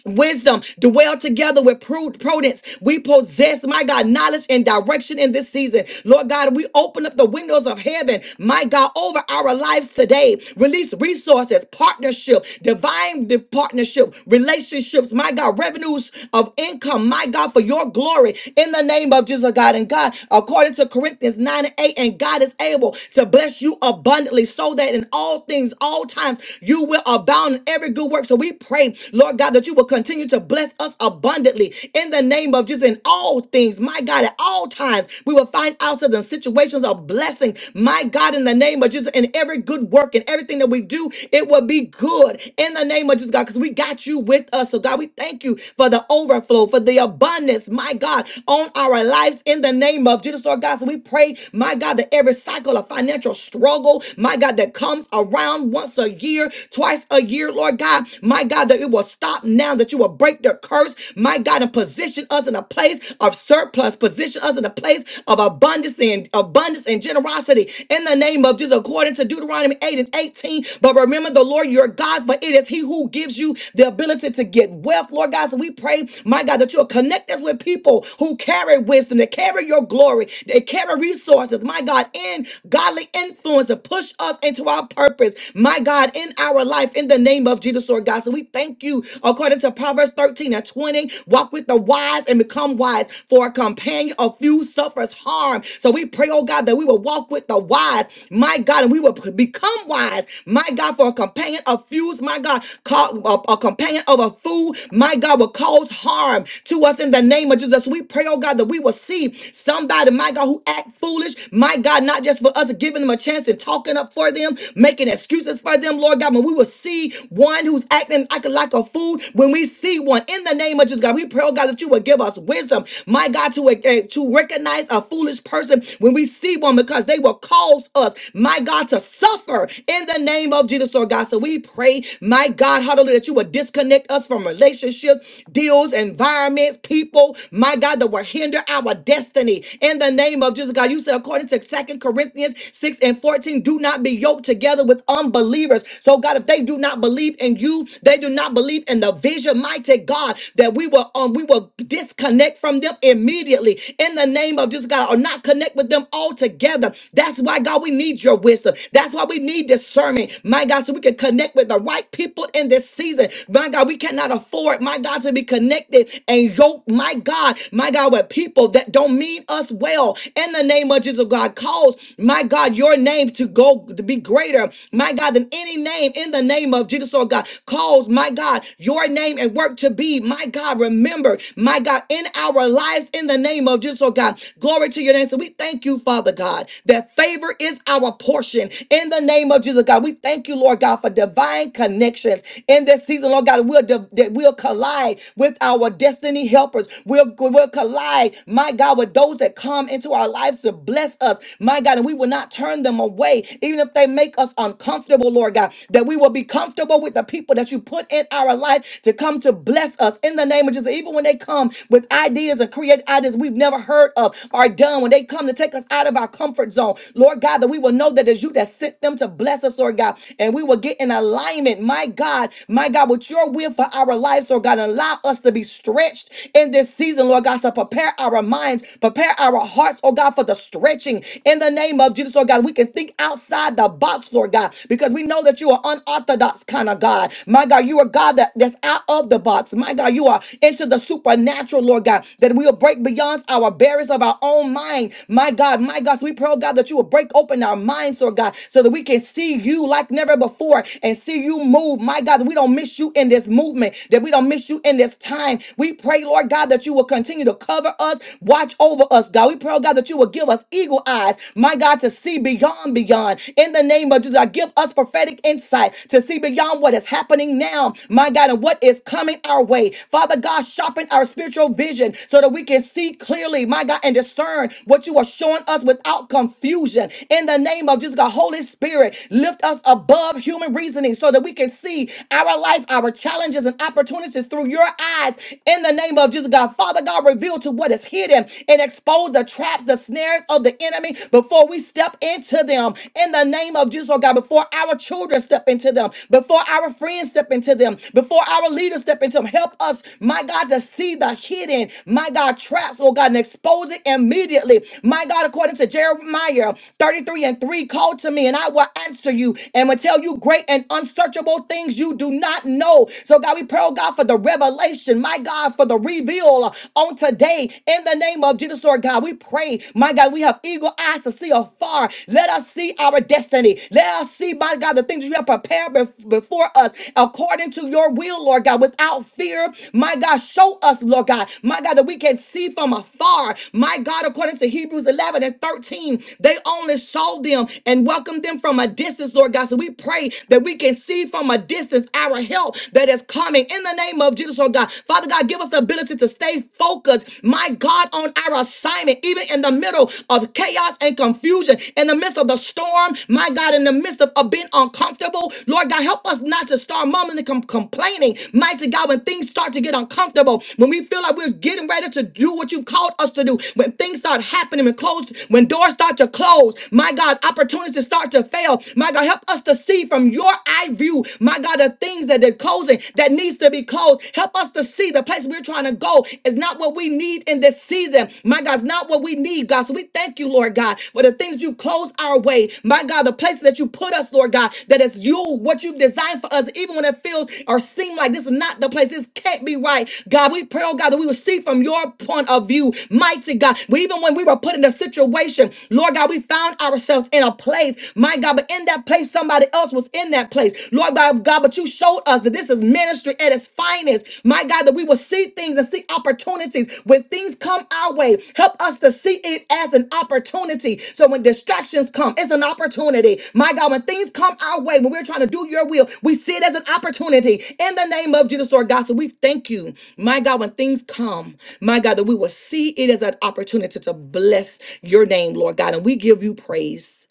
Speaker 1: wisdom, dwell together with pru- prudence. We possess, my God, knowledge and direction in this season. Lord God, we open up the windows of heaven, my God, over our lives today. Release resources, partnership, divine di- partnership, relationships, my God, revenues of income, my God, for your glory in the name of Jesus, God. And God, according to Corinthians 9 and 8, and God is able to bless you abundantly so that in all things, all times, you will abound in every good work. So we we pray, Lord God, that you will continue to bless us abundantly in the name of Jesus in all things. My God, at all times, we will find ourselves in situations of blessing. My God, in the name of Jesus, in every good work and everything that we do, it will be good in the name of Jesus, God, because we got you with us. So, God, we thank you for the overflow, for the abundance, my God, on our lives in the name of Jesus, Lord God. So, we pray, my God, that every cycle of financial struggle, my God, that comes around once a year, twice last a year, Lord God. My God, that it will stop now, that you will break their curse, my God, and position us in a place of surplus, position us in a place of abundance and abundance and generosity in the name of Jesus, according to Deuteronomy 8 and 18. But remember the Lord your God, for it is He who gives you the ability to get wealth, Lord God. So we pray, my God, that you'll connect us with people who carry wisdom, that carry your glory, they carry resources, my God, and godly influence to push us into our purpose my God, in our life, in the name of Jesus, Lord God. So we thank you, according to Proverbs 13 and 20, walk with the wise and become wise, for a companion of few suffers harm. So we pray, oh God, that we will walk with the wise, my God, and we will become wise, my God, for a companion of fools, my God, ca- a, a companion of a fool, my God, will cause harm to us in the name of Jesus. So We pray, oh God, that we will see somebody, my God, who act foolish, my God, not just for us giving them a chance and talking sticking up for them, making excuses for them, Lord God. When we will see one who's acting like, like a fool, when we see one in the name of Jesus, God, we pray, oh God, that you would give us wisdom, my God, to, eh, to recognize a foolish person when we see one because they will cause us, my God, to suffer in the name of Jesus, Lord God. So we pray, my God, hallelujah, that you would disconnect us from relationship, deals, environments, people, my God, that will hinder our destiny in the name of Jesus, God. You said, according to Second Corinthians. Corinthians 6 and 14. Do not be yoked together with unbelievers. So, God, if they do not believe in you, they do not believe in the vision, mighty God, that we will um we will disconnect from them immediately in the name of this God, or not connect with them altogether. That's why, God, we need your wisdom. That's why we need discernment, my God, so we can connect with the right people in this season. My God, we cannot afford, my God, to be connected and yoked, my God, my God, with people that don't mean us well in the name of name of Jesus, God, cause, my God, your name to go to be greater, my God, than any name in the name of Jesus, oh God. Cause, my God, your name and work to be, my God, remembered, my God, in our lives in the name of Jesus, oh God. Glory to your name. So we thank you, Father God, that favor is our portion in the name of Jesus, God. We thank you, Lord God, for divine connections in this season, Lord God. We'll, div- that we'll collide with our destiny helpers. We'll, we'll collide, my God, with those that those that come into our lives to bless us, my God, and we will not turn them away, even if they make us uncomfortable, Lord God, that we will be comfortable with the people that you put in our life to come to bless us in the name of Jesus. Even when they come with ideas and create ideas we've never heard of or done, when they come to take us out of our comfort zone, Lord God, that we will know that it's you that sent them to bless us, Lord God, and we will get in alignment, my God, my God, with your will for our lives, Lord God, and allow us to be stretched in this season, Lord God, so prepare our minds, prepare our hearts, oh God, for the stretching in the name of Jesus, oh God. We can think outside the box, Lord God, because we know that you are unorthodox kind of God. My God, you are God that, that's out of the box. My God, you are into the supernatural, Lord God, that we will break beyond our barriers of our own mind. My God, my God, so we pray, oh God, that you will break open our minds, Lord God, so that we can see you like never before and see you move. My God, that we don't miss you in this movement, that we don't miss you in this time. We pray, Lord. Lord God, that you will continue to cover us, watch over us, God. We pray, oh God, that you will give us eagle eyes, my God, to see beyond, beyond. In the name of Jesus, God, give us prophetic insight to see beyond what is happening now, my God, and what is coming our way. Father God, sharpen our spiritual vision so that we can see clearly, my God, and discern what you are showing us without confusion. In the name of Jesus, God, Holy Spirit, lift us above human reasoning so that we can see our life, our challenges, and opportunities through your your eyes in the name of Jesus, God. Father God, reveal to what is hidden and expose the traps, the snares of the enemy before we step into them in the name of Jesus, oh God. Before our children step into them, before our friends step into them, before our leaders step into them, help us, my God, to see the hidden, my God, traps, oh God, and expose it immediately. My God, according to Jeremiah 33 and 3, call to me and I will answer you and will tell you great and unsearchable things you do not know. So so, God, we pray, oh God, for the revelation, my God, for the reveal on today in the name of Jesus, Lord God. We pray, my God, we have eagle eyes to see afar. Let us see our destiny. Let us see, my God, the things you have prepared bef- before us according to your will, Lord God, without fear. My God, show us, Lord God, my God, that we can see from afar. My God, according to Hebrews 11 and 13, they only saw them and welcomed them from a distance, Lord God. So we pray that we can see from a distance against this our help that is coming in the name of Jesus, oh God. Father God, give us the ability to stay focused, my God, on our assignment, even in the middle of chaos and confusion, in the midst of the storm, my God, in the midst of, of being uncomfortable. Lord God, help us not to start mumbling and com- complaining, mighty God, when things start to get uncomfortable, when we feel like we're getting ready to do what you called us to do, when things start happening, when close, when doors start to close, my God, opportunities start to fail. My God, help us to see from from your eye view, my God, the things that are closing that needs to be closed. Help us to see the place we're trying to go is not what we need in this season. My God, it's not what we need, God. So we thank you, Lord God, for the things you close our way. My God, the places that you put us, Lord God, that is you, what you've designed for us, even when it feels or seem like this is not the place. This can't be right. God, we pray, oh God, that we will see from your point of view. Mighty God, we, even when we were put in a situation, Lord God, we found ourselves in a place, my God, but wasn't in that place, somebody else was in that place. Lord God, God, but you showed us that this is ministry at its finest. My God, that we will see things and see opportunities. When things come our way, help us to see it as an opportunity. So when distractions come, it's an opportunity. My God, when things come our way, when we're trying to do your will, we see it as an opportunity. In the name of Jesus, Lord God, so we thank you. My God, when things come, my God, that we will see it as an opportunity to bless your name, Lord God. And we give you praise.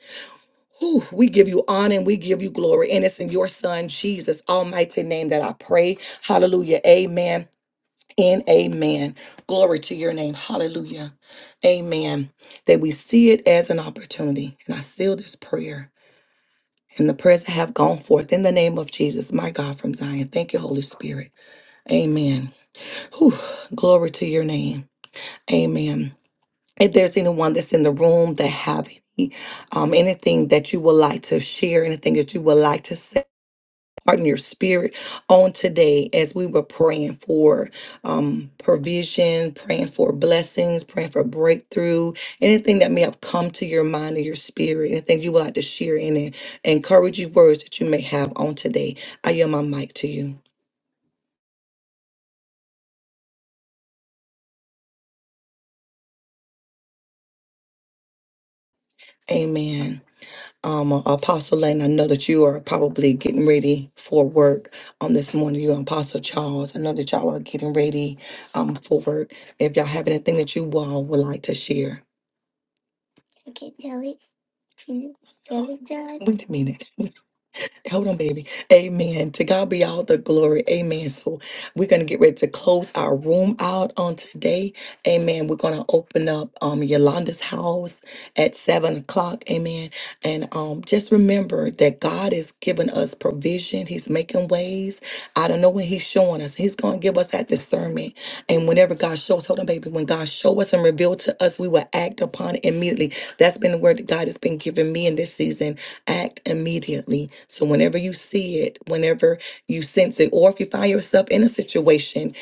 Speaker 1: Whew, we give you honor and we give you glory. And it's in your son, Jesus' almighty name that I pray. Hallelujah. Amen and amen. Glory to your name. Hallelujah. Amen. That we see it as an opportunity. And I seal this prayer and the prayers that have gone forth in the name of Jesus, my God from Zion. Thank you, Holy Spirit. Amen. Whew, glory to your name. Amen. If there's anyone that's in the room that have any um, anything that you would like to share, anything that you would like to say, pardon your spirit on today as we were praying for um, provision, praying for blessings, praying for breakthrough, anything that may have come to your mind or your spirit, anything you would like to share in it, encouraging words that you may have on today. I yield my mic to you. Amen. Um, Apostle Lane, I know that you are probably getting ready for work on this morning. You and Apostle Charles, I know that y'all are getting ready um, for work. If y'all have anything that you all would like to share, Wait a minute. [LAUGHS] Hold on, baby. Amen. To God be all the glory. Amen. So we're gonna get ready to close our room out on today. Amen. We're gonna open up um Yolanda's house at seven o'clock. Amen. And um just remember that God is giving us provision. He's making ways. I don't know when He's showing us. He's gonna give us that discernment. And whenever God shows, hold on, baby. When God show us and reveal to us, we will act upon it immediately. That's been the word that God has been giving me in this season act immediately. So whenever you see it, whenever you sense it, or if you find yourself in a situation,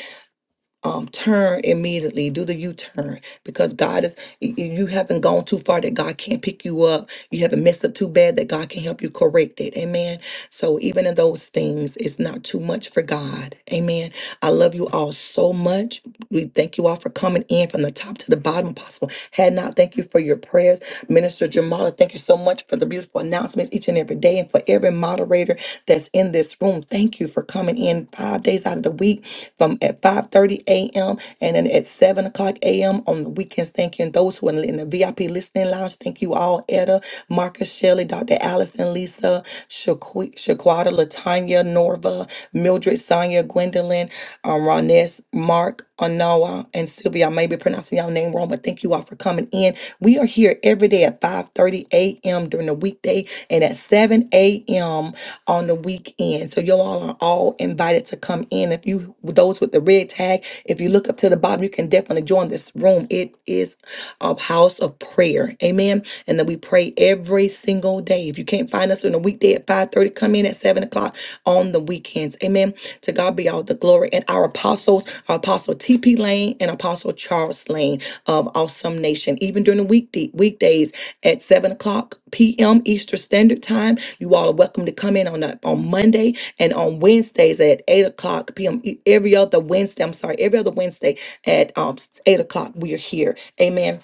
Speaker 1: um, turn immediately, do the U-turn because God is y- y- you haven't gone too far that God can't pick you up. You haven't messed up too bad that God can help you correct it. Amen. So even in those things, it's not too much for God. Amen. I love you all so much. We thank you all for coming in from the top to the bottom. Apostle Had not, thank you for your prayers. Minister Jamala, thank you so much for the beautiful announcements each and every day and for every moderator that's in this room. Thank you for coming in five days out of the week from at 5 30 a.m. and then at 7 o'clock a.m. on the weekends. Thank you. And those who are in the VIP listening lounge, thank you all, Etta, Marcus Shelley, Dr. Dr. Allison, Lisa, Shaqu- Shaquata, Latanya, Norva, Mildred, Sonia, Gwendolyn, um, Rones, Mark, Anoa, and Sylvia. I may be pronouncing y'all name wrong, but thank you all for coming in. We are here every day at 5:30 a.m. during the weekday and at 7 a.m. on the weekend. So you all are all invited to come in. If you those with the red tag, if you look up to the bottom, you can definitely join this room. It is a house of prayer. Amen and then we pray every single day. If you can't find us on a weekday at 5:30, come in at 7 o'clock on the weekends. Amen. To God be all the glory. And our apostles, our apostle TP Lane and Apostle Charles Lane of Awesome Nation. Even during the weekday weekdays at 7 o'clock p.m. Eastern Standard Time. You all are welcome to come in on that on Monday and on Wednesdays at 8 o'clock p.m. e- Every other Wednesday, I'm sorry, every other Wednesday at um, 8 o'clock, we are here. Amen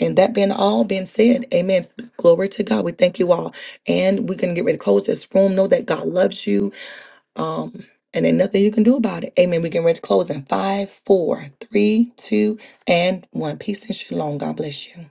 Speaker 1: and that being all being said, amen. Glory to God. We thank you all. And we're going to get ready to close this room. Know that God loves you. Um, and there's nothing you can do about it. Amen. We're getting ready to close in five, four, three, two, and one. Peace and shalom. God bless you.